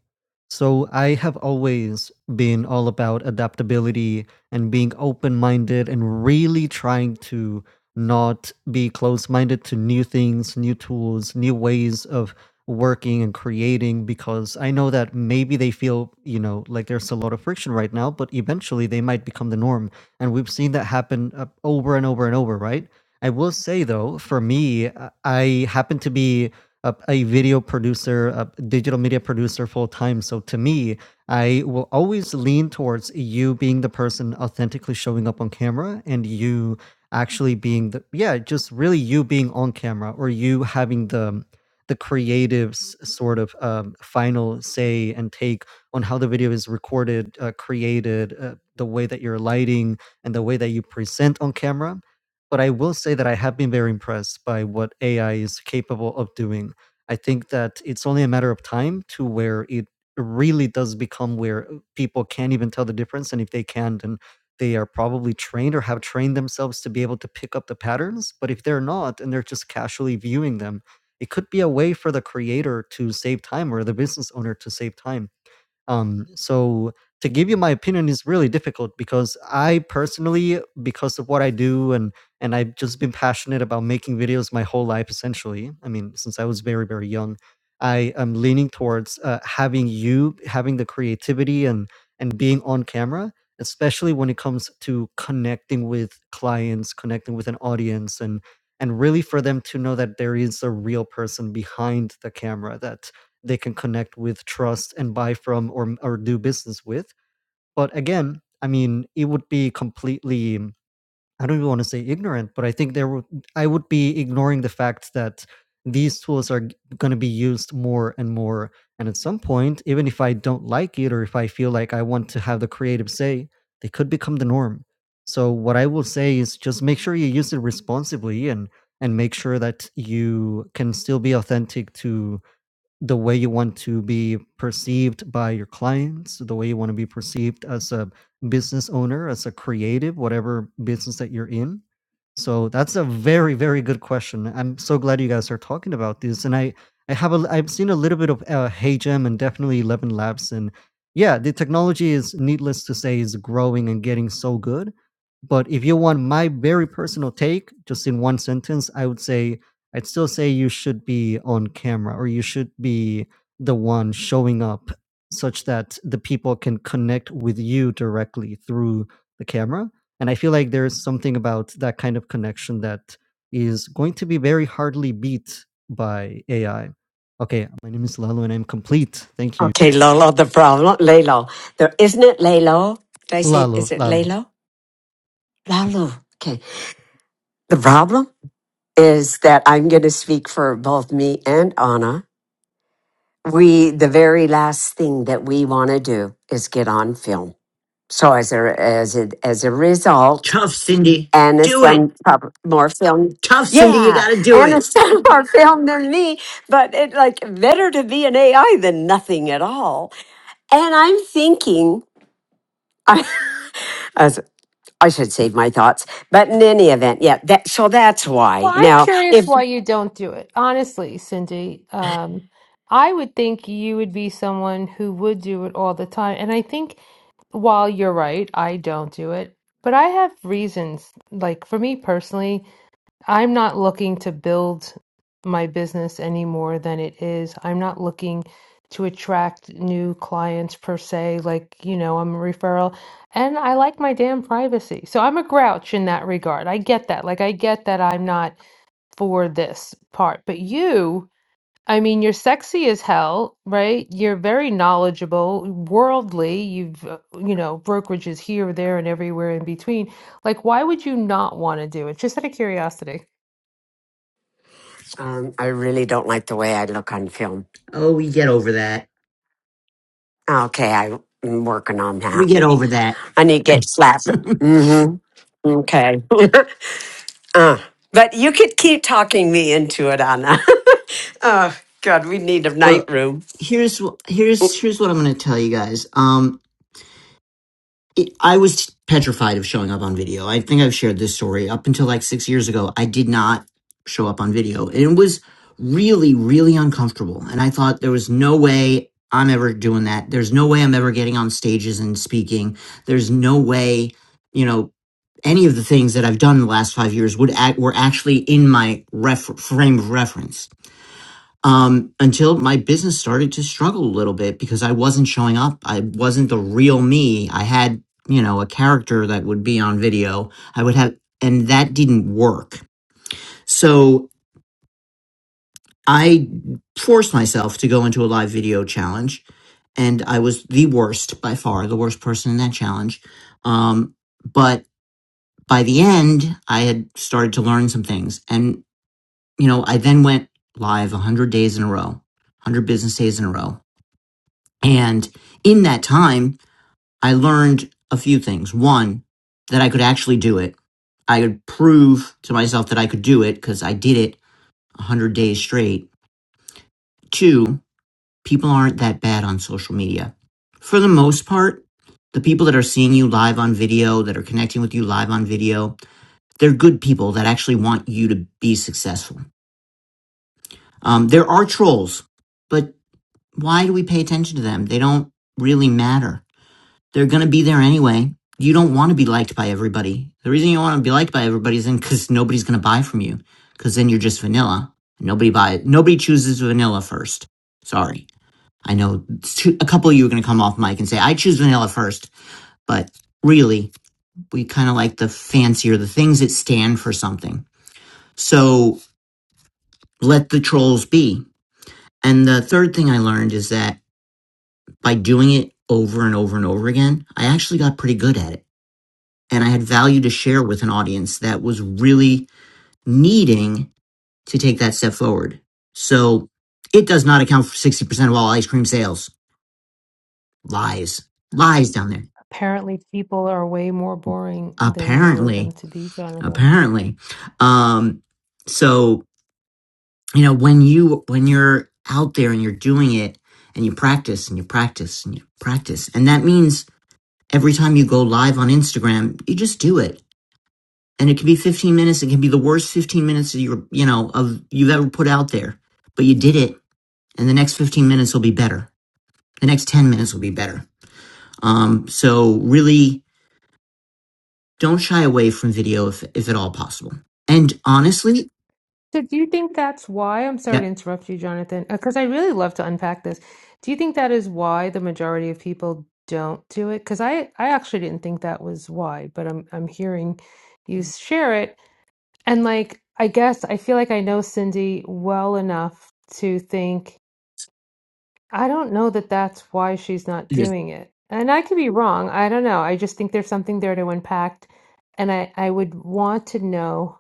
Speaker 7: so I have always been all about adaptability and being open-minded and really trying to not be closed-minded to new things, new tools, new ways of working and creating because I know that maybe they feel, you know, like there's a lot of friction right now, but eventually they might become the norm. And we've seen that happen uh, over and over and over, right? I will say though, for me, uh, I happen to be a, a video producer, a digital media producer full time. So to me, I will always lean towards you being the person authentically showing up on camera and you actually being the, yeah, just really you being on camera or you having the, the creative's sort of um, final say and take on how the video is recorded, uh, created, uh, the way that you're lighting, and the way that you present on camera. But I will say that I have been very impressed by what AI is capable of doing. I think that it's only a matter of time to where it really does become where uh, people can't even tell the difference. And if they can, then they are probably trained or have trained themselves to be able to pick up the patterns. But if they're not and they're just casually viewing them, it could be a way for the creator to save time or the business owner to save time um, so to give you my opinion is really difficult because I personally, because of what I do and and I've just been passionate about making videos my whole life essentially. I mean, since I was very, very young, I am leaning towards uh, having you having the creativity and and being on camera, especially when it comes to connecting with clients, connecting with an audience and and really for them to know that there is a real person behind the camera that they can connect with, trust, and buy from or or do business with. But again, I mean, it would be completely I don't even want to say ignorant, but I think there would I would be ignoring the fact that these tools are going to be used more and more and at some point even if i don't like it or if i feel like i want to have the creative say they could become the norm so what i will say is just make sure you use it responsibly and and make sure that you can still be authentic to the way you want to be perceived by your clients, the way you want to be perceived as a business owner, as a creative, whatever business that you're in. So that's a very, very good question. I'm so glad you guys are talking about this. And I, I have a, I've seen a little bit of uh, HeyGem and definitely Eleven Labs. And yeah, the technology is needless to say is growing and getting so good. But if you want my very personal take, just in one sentence, I would say I'd still say you should be on camera or you should be the one showing up such that the people can connect with you directly through the camera and I feel like there's something about that kind of connection that is going to be very hardly beat by AI. Okay, my name is Lalo and I'm complete. Thank you.
Speaker 2: Okay, Lolo, the problem, Lalo. There isn't it Lalo? Did I say,
Speaker 7: Lalo,
Speaker 2: is it
Speaker 7: Lalo.
Speaker 2: Lalo? Lalo. Okay. The problem is that I'm going to speak for both me and Anna. We, the very last thing that we want to do is get on film. So as a, as a, as a result,
Speaker 1: tough, Cindy,
Speaker 2: Anna's
Speaker 1: do it.
Speaker 2: done prob- more film.
Speaker 1: Tough, Cindy, you
Speaker 2: Yeah,
Speaker 1: got to do it.
Speaker 2: Anna's *laughs* done more film than me, but it like better to be an AI than nothing at all. And I'm thinking, *laughs* I, I should save my thoughts. But in any event, yeah, that so that's why.
Speaker 6: Well, I'm
Speaker 2: Now,
Speaker 6: curious
Speaker 2: if
Speaker 6: why you don't do it. Honestly, Cindy, um, I would think you would be someone who would do it all the time. And I think while you're right, I don't do it, but I have reasons. Like for me personally, I'm not looking to build my business any more than it is. I'm not looking to attract new clients per se. Like, you know, I'm a referral and I like my damn privacy. So I'm a grouch in that regard. I get that. Like, I get that I'm not for this part. But you, I mean, you're sexy as hell, right? You're very knowledgeable, worldly. You've, uh, you know, brokerages here, there, and everywhere in between. Like, why would you not want to do it? Just out of curiosity.
Speaker 2: um, I really don't like the way I look on film.
Speaker 1: Oh, we get over that.
Speaker 2: Okay, I, am working on
Speaker 1: We
Speaker 2: that.
Speaker 1: get over that.
Speaker 2: I need to get slapped.
Speaker 1: *laughs*
Speaker 2: Mm-hmm. Okay. *laughs* uh, but you could keep talking me into it, Anna. *laughs* oh God, we need a night
Speaker 1: well,
Speaker 2: room,
Speaker 1: here's wh- here's here's what I'm going to tell you guys. Um, it, I was petrified of showing up on video. I think I've shared this story up until like six years ago. I did not show up on video, and it was really, really uncomfortable. And I thought there was no way I'm ever doing that. There's no way I'm ever getting on stages and speaking. There's no way, you know, any of the things that I've done in the last five years would act were actually in my ref- frame of reference um, until my business started to struggle a little bit because I wasn't showing up. I wasn't the real me. I had, you know, a character that would be on video. I would have, and that didn't work. So I forced myself to go into a live video challenge, and I was the worst by far, the worst person in that challenge. Um, but by the end, I had started to learn some things, and you know, I then went live 100 days in a row, 100 business days in a row And in that time, I learned a few things. One, that I could actually do it. I could prove to myself that I could do it because I did it 100 days straight. Two, people aren't that bad on social media. For the most part, the people that are seeing you live on video, that are connecting with you live on video, they're good people that actually want you to be successful. Um, there are trolls, but why do we pay attention to them? They don't really matter. They're going to be there anyway. You don't want to be liked by everybody. The reason you don't want to be liked by everybody is because nobody's going to buy from you because then you're just vanilla. Nobody buys. Nobody chooses vanilla first. Sorry. I know two, a couple of you are going to come off mic and say, I choose vanilla first, but really we kind of like the fancier, the things that stand for something. So let the trolls be. And the third thing I learned is that by doing it over and over and over again, I actually got pretty good at it and I had value to share with an audience that was really needing to take that step forward. So it does not account for 60% of all ice cream sales. Lies. Lies down there.
Speaker 6: Apparently, people are way more boring than you know them
Speaker 1: Apparently.
Speaker 6: to be, Jonathan.
Speaker 1: Apparently. Um, so, you know, when you, when you're out there and you're doing it and you practice and you practice and you practice, and that means every time you go live on Instagram, you just do it and it can be 15 minutes it can be the worst 15 minutes of your you know of you've ever put out there but you did it and the next 15 minutes will be better the next 10 minutes will be better um, so really don't shy away from video if, if at all possible and honestly
Speaker 6: So do you think that's why? I'm sorry to
Speaker 1: yep
Speaker 6: interrupt you, Jonathan, because I really love to unpack this. Do you think that is why the majority of people don't do it? Because I, I actually didn't think that was why, but I'm I'm hearing you share it. And like I guess I feel like I know Cindy well enough to think I don't know that that's why she's not
Speaker 1: yes,
Speaker 6: doing it. And I could be wrong. I don't know. I just think there's something there to unpack, and I, I would want to know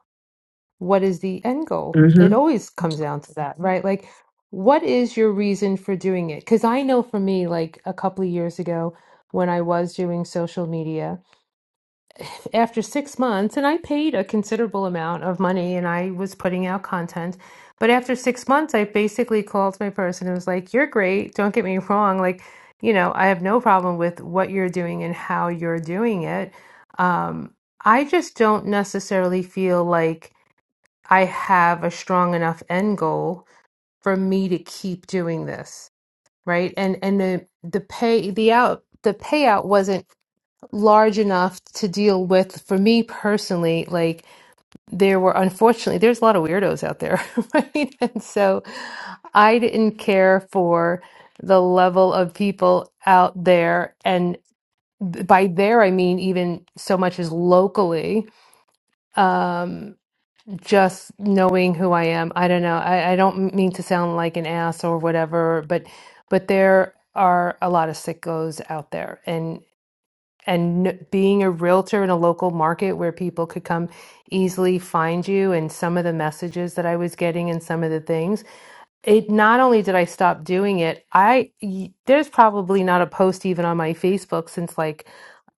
Speaker 6: what is the end goal? It
Speaker 1: mm-hmm.
Speaker 6: always comes down to that, right? Like, what is your reason for doing it? Because I know for me, like a couple of years ago, when I was doing social media, after six months, and I paid a considerable amount of money and I was putting out content. But after six months, I basically called my person and was like, You're great. Don't get me *laughs* wrong. Like, you know, I have no problem with what you're doing and how you're doing it. Um, I just don't necessarily feel like I have a strong enough end goal for me to keep doing this, right? And and the the pay the out the payout wasn't large enough to deal with for me personally. Like there were unfortunately there's a lot of weirdos out there, *laughs* right? And so I didn't care for the level of people out there and by there I mean even so much as locally um, just knowing who I am. I don't know. I, I don't mean to sound like an ass or whatever, but but there are a lot of sickos out there, and and n- being a realtor in a local market where people could come easily find you, and some of the messages that I was getting, and some of the things it not only did I stop doing it, I y- there's probably not a post even on my Facebook since like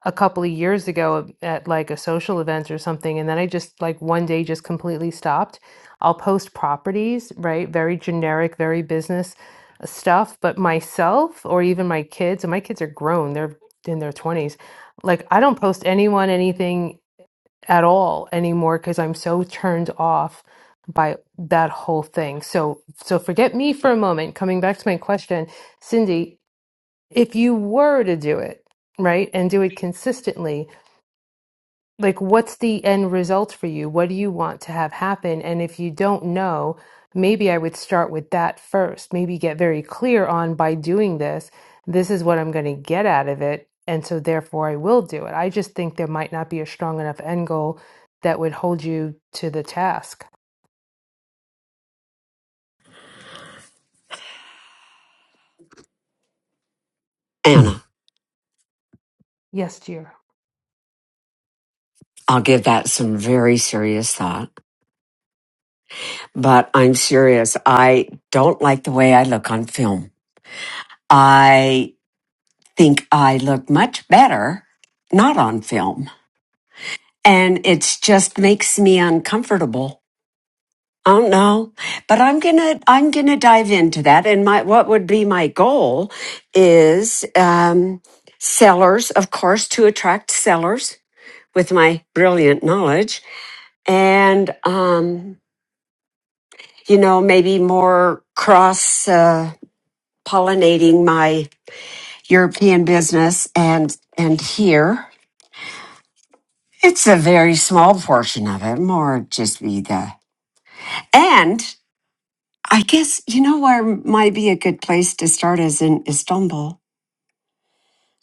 Speaker 6: a couple of years ago at like a social event or something, and then I just like one day just completely stopped. I'll post properties, right? Very generic, very business uh, stuff, but myself or even my kids, and my kids are grown, they're in their 20s. Like I don't post anyone anything at all anymore because I'm so turned off by that whole thing. So so forget me for a moment. Coming back to my question, Cindy, if you were to do it, right, and do it consistently, like what's the end result for you what do you want to have happen and if you don't know maybe i would start with that first maybe get very clear on by doing this this is what i'm going to get out of it and so therefore i will do it i just think there might not be a strong enough end goal that would hold you to the task
Speaker 2: Anna.
Speaker 6: yes dear
Speaker 2: I'll give that some very serious thought. But I'm serious. I don't like the way I look on film. I think I look much better not on film. And it just makes me uncomfortable. I don't know, but I'm gonna I'm gonna dive into that. And my what would be my goal is um, sellers, of course, to attract sellers with my brilliant knowledge, and um, you know maybe more cross uh, pollinating my European business and and here. It's a very small portion of it, more just be the. And I guess you know where might be a good place to start is in Istanbul.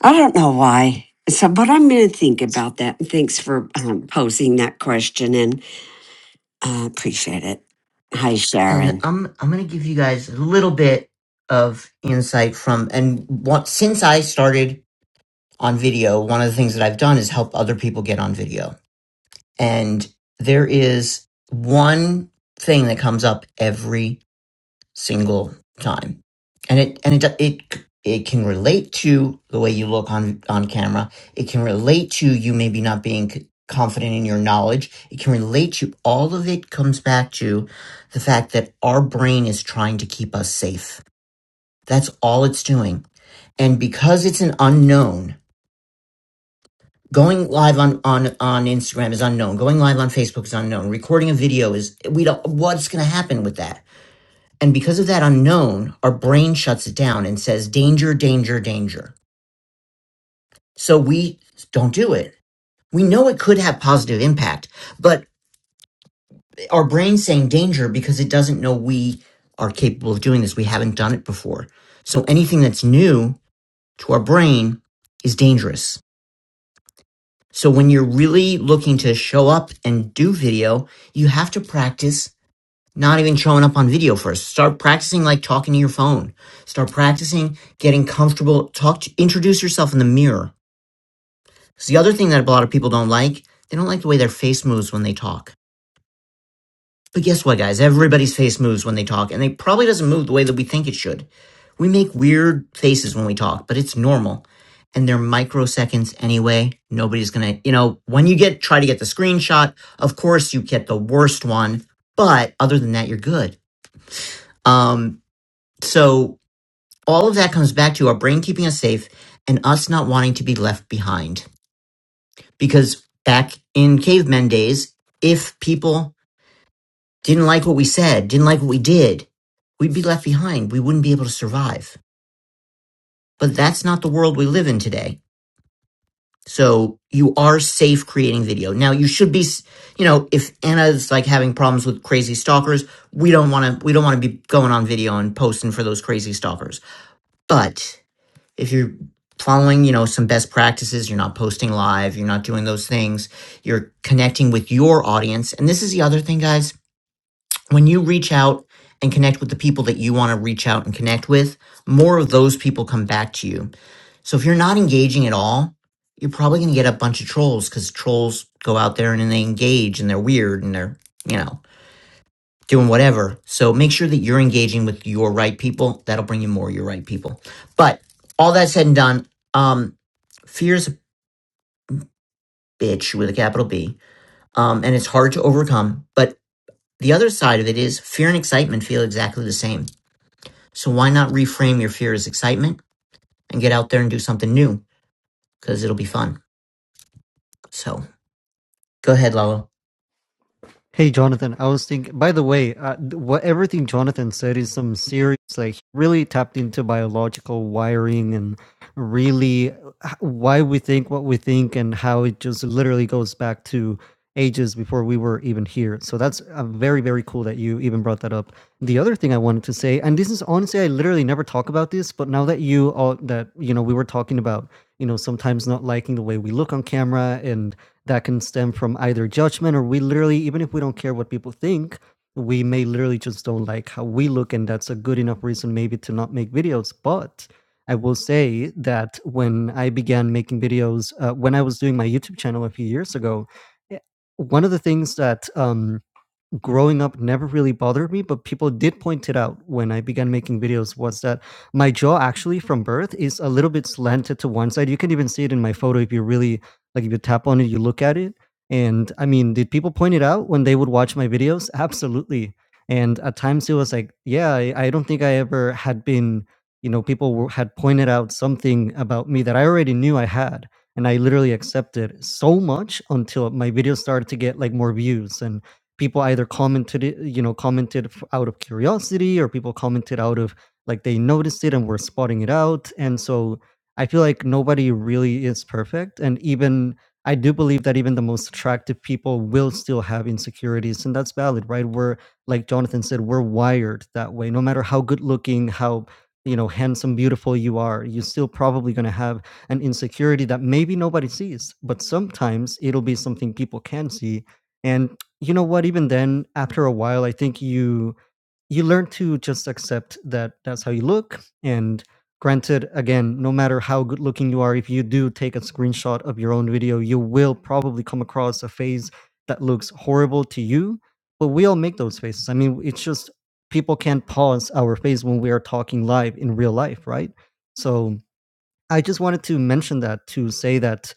Speaker 2: I don't know why. So, but I'm going to think about that. And thanks for um, posing that question, and uh, appreciate it. Hi,
Speaker 1: and
Speaker 2: Sharon.
Speaker 1: i'm i'm gonna give you guys a little bit of insight from and what since i started on video one of the things that i've done is help other people get on video And there is one thing that comes up every single time. And it, and it, it, it can relate to the way you look on, on camera. It can relate to you maybe not being confident in your knowledge. It can relate to all of it comes back to the fact that our brain is trying to keep us safe. That's all it's doing. And because it's an unknown, Going live on, on, on Instagram is unknown. Going live on Facebook is unknown. Recording a video is, we don't, what's going to happen with that? And because of that unknown, our brain shuts it down and says, danger, danger, danger. So we don't do it. We know it could have positive impact, but our brain's saying danger because it doesn't know we are capable of doing this. We haven't done it before. So anything that's new to our brain is dangerous So when you're really looking to show up and do video, you have to practice not even showing up on video first. Start practicing like talking to your phone. Start practicing getting comfortable. Talk to, introduce yourself in the mirror. Because the other thing that a lot of people don't like, they don't like the way their face moves when they talk but guess what, guys? Everybody's face moves when they talk, and they probably doesn't move the way that we think it should. We make weird faces when we talk, but it's normal. And they're microseconds anyway. Nobody's gonna, you know, when you get, try to get the screenshot, of course you get the worst one, but other than that, you're good. Um, so all of that comes back to our brain keeping us safe and us not wanting to be left behind. Because back in cavemen days, if people didn't like what we said, didn't like what we did, we'd be left behind. We wouldn't be able to survive. But that's not the world we live in today. So you are safe creating video. Now you should be, you know, if Anna's like having problems with crazy stalkers, we don't want to, we don't want to be going on video and posting for those crazy stalkers. But if you're following, you know, some best practices, you're not posting live, you're not doing those things, you're connecting with your audience. And this is the other thing, guys when you reach out and connect with the people that you want to reach out and connect with, more of those people come back to you. So if you're not engaging at all, you're probably going to get a bunch of trolls because trolls go out there and then they engage and they're weird and they're, you know, doing whatever. So make sure that you're engaging with your right people. That'll bring you more of your right people. But all that said and done, um, fear is a bitch with a capital B. Um, and it's hard to overcome. But the other side of it is fear and excitement feel exactly the same So why not reframe your fear as excitement and get out there and do something new because it'll be fun. So go ahead, Lalo.
Speaker 7: Hey, Jonathan, I was thinking, by the way, uh, th- what everything Jonathan said is some serious, like, he really tapped into biological wiring and really uh, h- why we think what we think and how it just literally goes back to ages before we were even here. So that's uh, very, very cool that you even brought that up. The other thing I wanted to say, and this is honestly, I literally never talk about this, but now that you all, that, you know, we were talking about, you know, sometimes not liking the way we look on camera and, that can stem from either judgment or we literally, even if we don't care what people think, we may literally just don't like how we look. And that's a good enough reason, maybe, to not make videos. But I will say that when I began making videos, uh, when I was doing my YouTube channel a few years ago, eh, one of the things that um, growing up never really bothered me, but people did point it out when I began making videos was that my jaw actually from birth is a little bit slanted to one side. You can even see it in my photo if you really like if you tap on it, you look at it. And I mean, did people point it out when they would watch my videos? *laughs* Absolutely. And at times it was like, yeah, I, I don't think I ever had been, you know, people were, had pointed out something about me that I already knew I had. And I literally accepted so much until my videos started to get like more views and people either commented it, you know, commented f- out of curiosity or people commented out of like they noticed it and were spotting it out. And so I feel like nobody really is perfect. And even I do believe that even the most attractive people will still have insecurities. And that's valid, right? We're like Jonathan said, we're wired that way. No matter how good looking, how you know, handsome, beautiful you are, you're still probably going to have an insecurity that maybe nobody sees, but sometimes it'll be something people can see. And you know what? Even then, after a while, I think you you learn to just accept that that's how you look. And granted, again, no matter how good looking you are, if you do take a screenshot of your own video, you will probably come across a face that looks horrible to you. But we all make those faces. I mean, it's just people can't pause our face when we are talking live in real life, right? So I just wanted to mention that to say that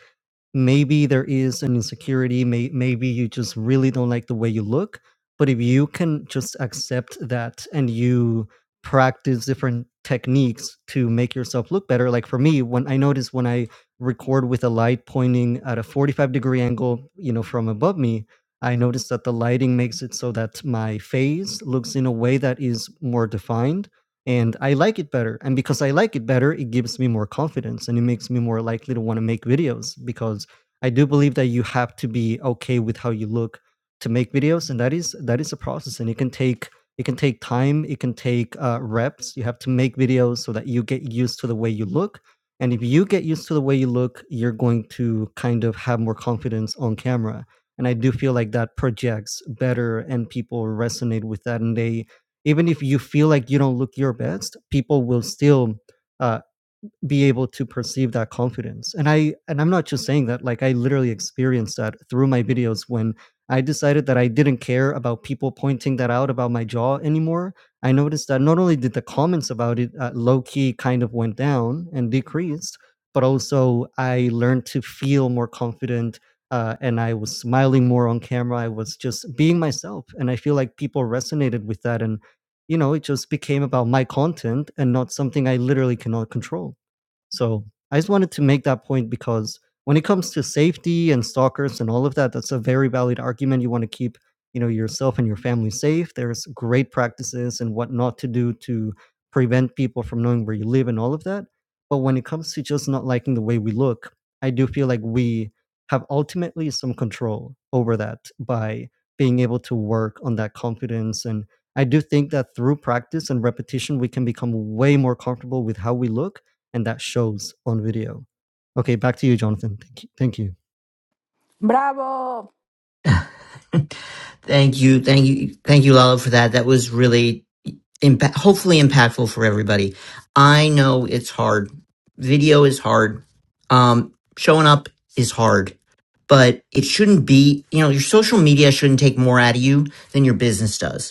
Speaker 7: maybe there is an insecurity may, maybe you just really don't like the way you look but if you can just accept that and you practice different techniques to make yourself look better like for me when i notice when i record with a light pointing at a 45 degree angle you know from above me i notice that the lighting makes it so that my face looks in a way that is more defined and I like it better. And because I like it better, it gives me more confidence and it makes me more likely to want to make videos because I do believe that you have to be okay with how you look to make videos, and that is that is a process, and it can take it can take time, it can take uh, reps. You have to make videos so that you get used to the way you look, and if you get used to the way you look, you're going to kind of have more confidence on camera. And I do feel like that projects better, and people resonate with that, and they even if you feel like you don't look your best, people will still, uh be able to perceive that confidence. And I and I'm not just saying that, like I literally experienced that through my videos when I decided that I didn't care about people pointing that out about my jaw anymore. I noticed that not only did the comments about it uh, low key kind of went down and decreased, but also I learned to feel more confident uh, and I was smiling more on camera. I was just being myself. And I feel like people resonated with that. And, you know, it just became about my content and not something I literally cannot control. So I just wanted to make that point because when it comes to safety and stalkers and all of that, that's a very valid argument. You want to keep, you know, yourself and your family safe. There's great practices and what not to do to prevent people from knowing where you live and all of that. But when it comes to just not liking the way we look, I do feel like we have ultimately some control over that by being able to work on that confidence. And I do think that through practice and repetition, we can become way more comfortable with how we look and that shows on video. Okay, back to you, Jonathan. Thank you. Thank you.
Speaker 3: Bravo,
Speaker 1: Thank you, thank you, thank you, Lalo, for that. That was really impact, hopefully impactful for everybody. I know it's hard. Video is hard. Um, showing up is hard, but it shouldn't be. You know, your social media shouldn't take more out of you than your business does.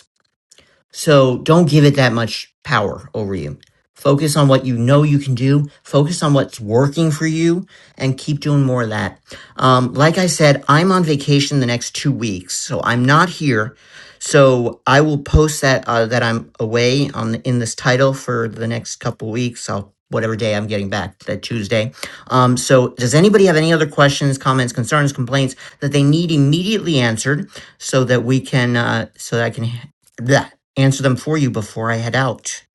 Speaker 1: So don't give it that much power over you. Focus on what you know you can do. Focus on what's working for you and keep doing more of that. Um, like I said, I'm on vacation the next two weeks, so I'm not here. So I will post that uh, that I'm away on the, in this title for the next couple weeks. I'll whatever day I'm getting back that Tuesday. Um, so does anybody have any other questions, comments, concerns, complaints that they need immediately answered so that we can uh, so that I can that answer them for you before I head out.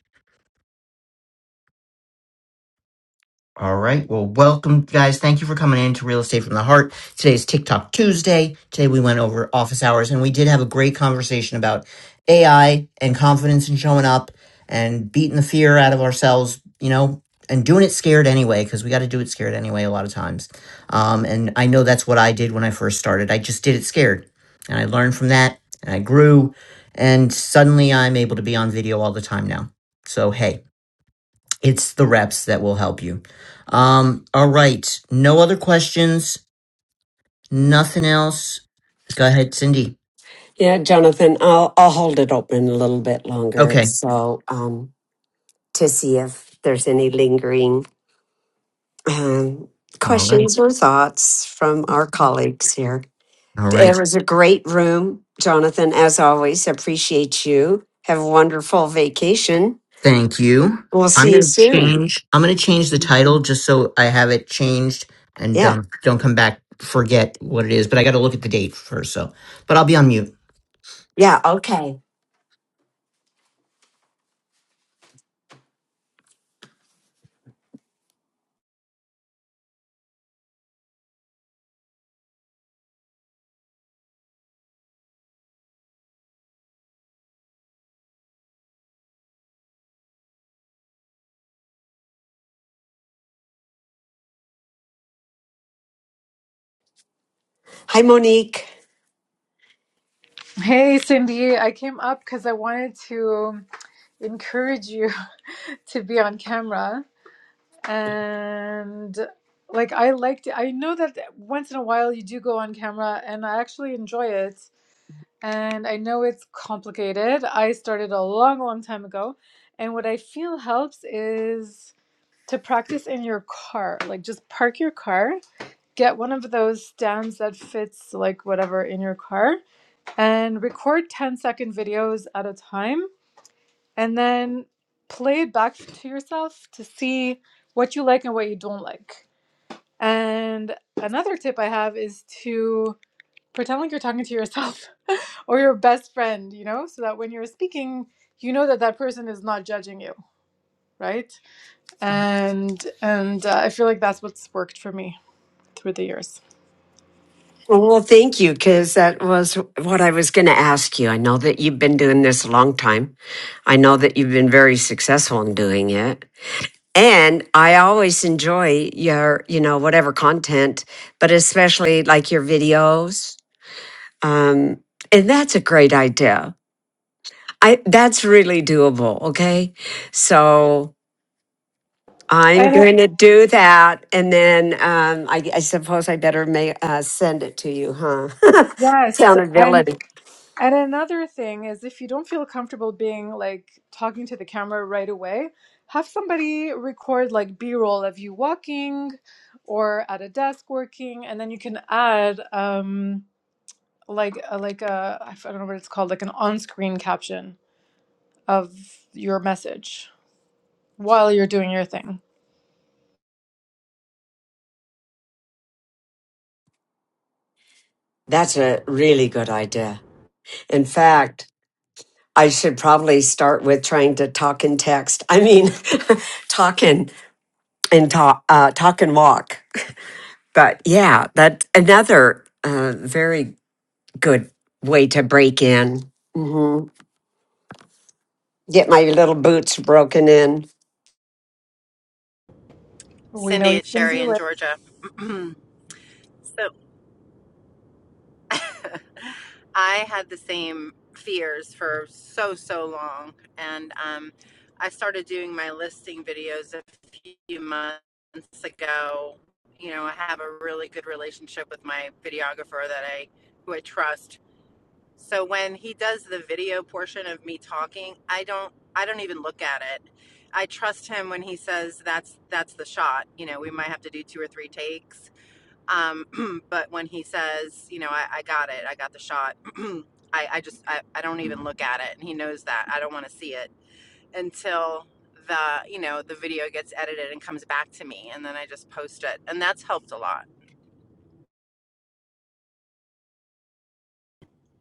Speaker 1: All right. Well, welcome, guys. Thank you for coming in to Real Estate from the Heart. Today is TikTok Tuesday. Today we went over office hours and we did have a great conversation about AI and confidence and showing up and beating the fear out of ourselves, you know, and doing it scared anyway, because we got to do it scared anyway a lot of times. Um, and I know that's what I did when I first started. I just did it scared. And I learned from that and I grew. And suddenly I'm able to be on video all the time now. So, hey. It's the reps that will help you. Um, all right. No other questions. Nothing else. Go ahead, Cindy.
Speaker 2: Yeah, Jonathan. I'll I'll hold it open a little bit longer,
Speaker 1: Okay.
Speaker 2: so um, to see if there's any lingering um,
Speaker 1: All right.
Speaker 2: questions or thoughts from our colleagues here.
Speaker 1: All
Speaker 2: It
Speaker 1: right.
Speaker 2: was a great room, Jonathan, as always. Appreciate you. Have a wonderful vacation.
Speaker 1: Thank you.
Speaker 2: We'll
Speaker 1: I'm
Speaker 2: see you
Speaker 1: gonna
Speaker 2: soon.
Speaker 1: change. I'm gonna change the title just so I have it changed and
Speaker 2: Yeah.
Speaker 1: um, don't come back forget what it is. But I got to look at the date first. So, but I'll be on mute.
Speaker 2: Yeah. Okay. Hi, Monique.
Speaker 8: Hey Cindy, I came up because I wanted to encourage you *laughs* to be on camera. And like, I liked it. I know that once in a while you do go on camera, and I actually enjoy it. And I know it's complicated. I started a long, long time ago. And what I feel helps is to practice in your car. Like, just park your car, get one of those stands that fits, like, whatever in your car and record 10 second videos at a time and then play it back to yourself to see what you like and what you don't like. And another tip I have is to pretend like you're talking to yourself *laughs* or your best friend, you know, so that when you're speaking, you know that that person is not judging you, right? And and uh, I feel like that's what's worked for me through the years.
Speaker 2: Well, thank you, because that was what I was going to ask you. I know that you've been doing this a long time. I know that you've been very successful in doing it. And I always enjoy your, you know, whatever content, but especially like your videos. Um, and that's a great idea I that's really doable. Okay, so I'm
Speaker 8: And
Speaker 2: going to do that, and then um, I, I suppose I better may, uh, send it to you, huh? *laughs*
Speaker 8: yes, and
Speaker 2: Accountability.
Speaker 8: And another thing is if you don't feel comfortable being like talking to the camera right away, have somebody record like B-roll of you walking or at a desk working, and then you can add um like a, like a I don't know what it's called, like an on-screen caption of your message while you're doing your thing.
Speaker 2: That's a really good idea. In fact, I should probably start with trying to talk and text. I mean, *laughs* talk and and talk, uh, talk and walk. But yeah, that's another uh, very good way to break in. Mm-hmm. get my little boots broken in.
Speaker 8: We
Speaker 9: Cindy,
Speaker 8: know you
Speaker 9: it's
Speaker 8: can
Speaker 9: Sherry
Speaker 8: do
Speaker 9: in
Speaker 8: it.
Speaker 9: Georgia. *clears throat* so *laughs* I had the same fears for so, so long. And um, I started doing my listing videos a few months ago. You know, I have a really good relationship with my videographer that I, who I trust. So when he does the video portion of me talking, I don't, I don't even look at it. I trust him when he says that's, that's the shot. You know, we might have to do two or three takes Um, *clears throat* but when he says, you know, I, I got it, I got the shot, *clears throat* I, I just, I, I don't even look at it. And he knows that. I don't want to see it until the, you know, the video gets edited and comes back to me. And then I just post it. And that's helped a lot.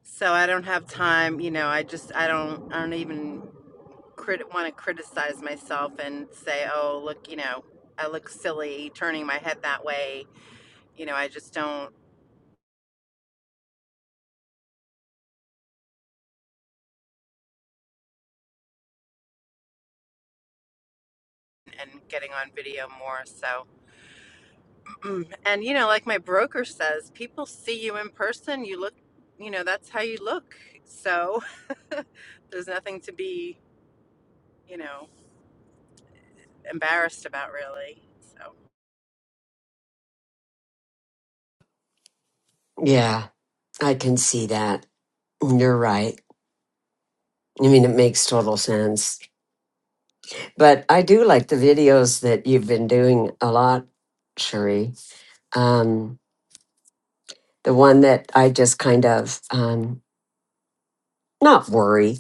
Speaker 9: So I don't have time, you know, I just, I don't, I don't even crit- want to criticize myself and say, oh, look, you know, I look silly turning my head that way. You know, I just don't, and getting on video more. So, *clears throat* and you know like my broker says people see you in person you look you know that's how you look so *laughs* there's nothing to be you know embarrassed about really so
Speaker 2: Yeah, I can see that. You're right. I mean, it makes total sense. But I do like the videos that you've been doing a lot, Cherie. Um, the one that I just kind of um, not worry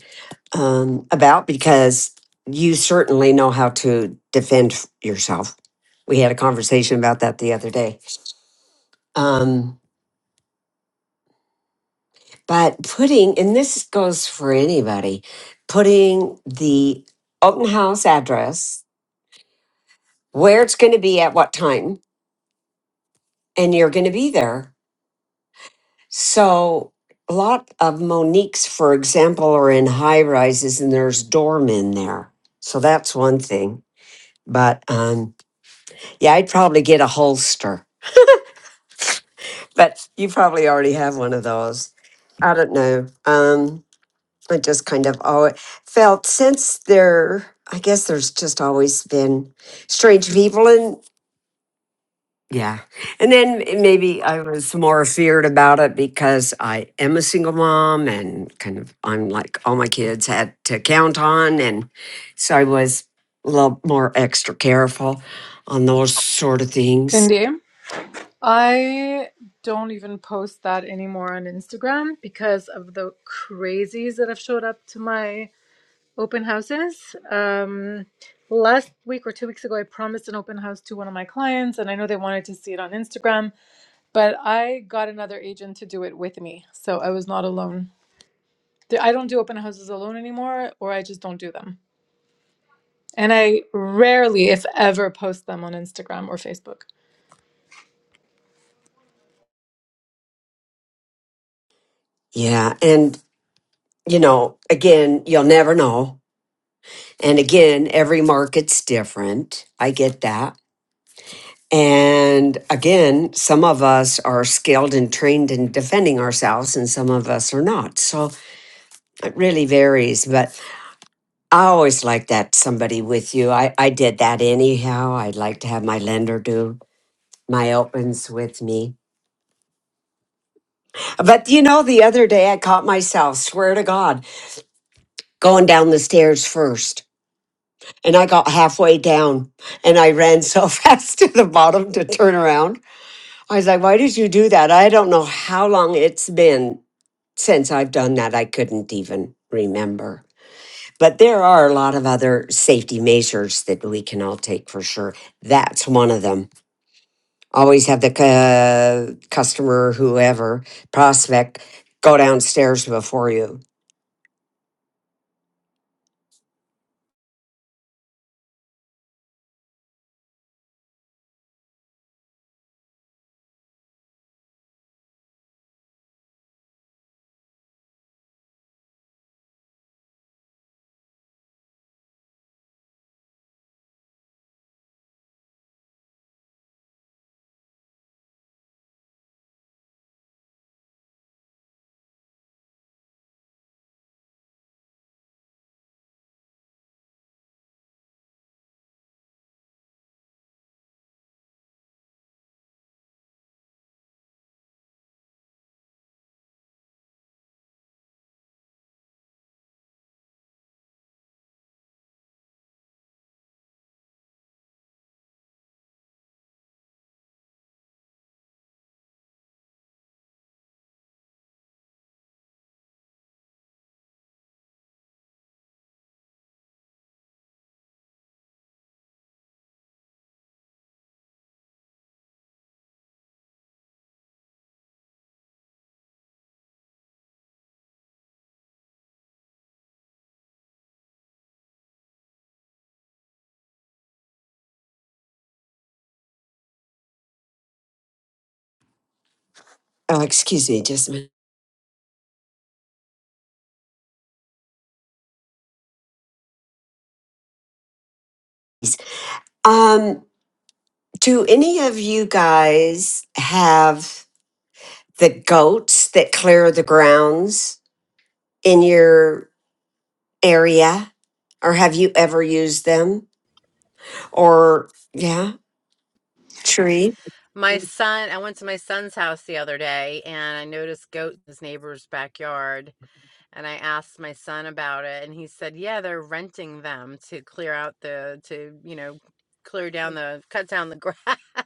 Speaker 2: um, about because you certainly know how to defend yourself. We had a conversation about that the other day. Um, But putting, and this goes for anybody, putting the open house address, where it's going to be at what time, and you're going to be there. So, a lot of Monique's, for example, are in high rises and there's doormen there. So, that's one thing. But um, yeah, I'd probably get a holster, but you probably already have one of those. I don't know. Um, I just kind of always felt since there, I guess there's just always been strange people and yeah. And then maybe I was more feared about it because I am a single mom and kind of I'm like all my kids had to count on. And so I was a little more extra careful on those sort of things.
Speaker 8: Cindy, I don't even post that anymore on Instagram because of the crazies that have showed up to my open houses. Um, last week or two weeks ago, I promised an open house to one of my clients, and I know they wanted to see it on Instagram, but I got another agent to do it with me. So I was not alone. The- I don't do open houses alone anymore, or I just don't do them. And I rarely, if ever, post them on Instagram or Facebook.
Speaker 2: Yeah. And, you know, again, you'll never know. And again, every market's different. I get that And again, some of us are skilled and trained in defending ourselves, and some of us are not. So it really varies. But I always like that somebody with you. I, I did that anyhow. I'd like to have my lender do my opens with me. But you know, the other day I caught myself, swear to God, going down the stairs first. And I got halfway down and I ran so *laughs* fast to the bottom to turn around. I was like, why did you do that? I don't know how long it's been since I've done that, I couldn't even remember. But there are a lot of other safety measures that we can all take for sure. That's one of them. Always have the cu- customer, whoever, prospect, go downstairs before you. Oh, excuse me, just a minute. Um, Do any of you guys have the goats that clear the grounds in your area? Or have you ever used them? Or, yeah, tree?
Speaker 9: my son i went to my son's house the other day and i noticed goats in his neighbor's backyard and i asked my son about it and he said yeah they're renting them to clear out the to you know clear down the cut down the grass *laughs*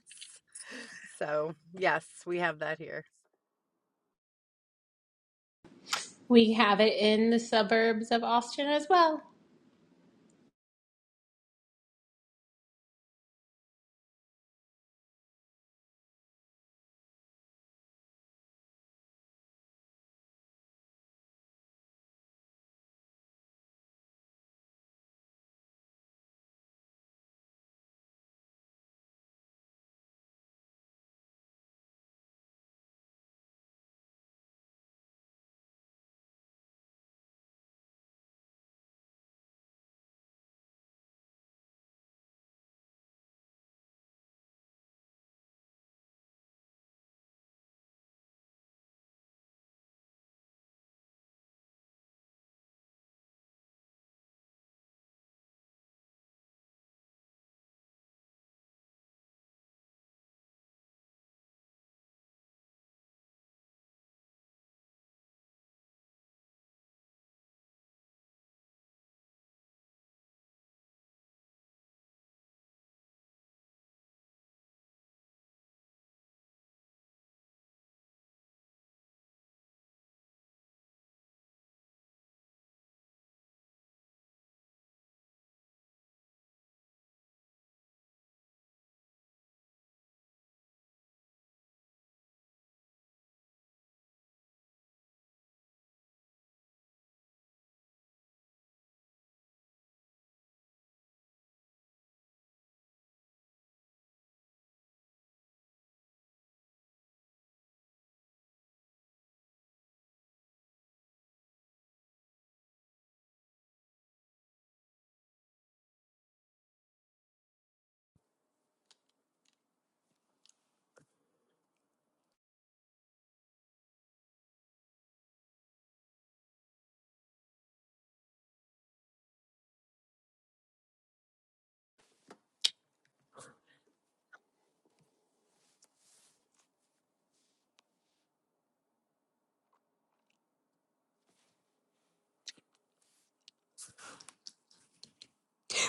Speaker 9: so yes we have that here
Speaker 4: We have it in the suburbs of Austin as well.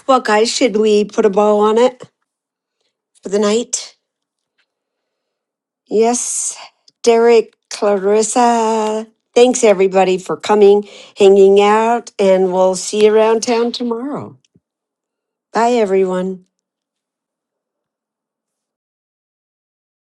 Speaker 2: Well, guys, should we put a bow on it for the night? Yes, Derek, Clarissa. Thanks, everybody, for coming, hanging out, and we'll see you around town tomorrow. Bye, everyone.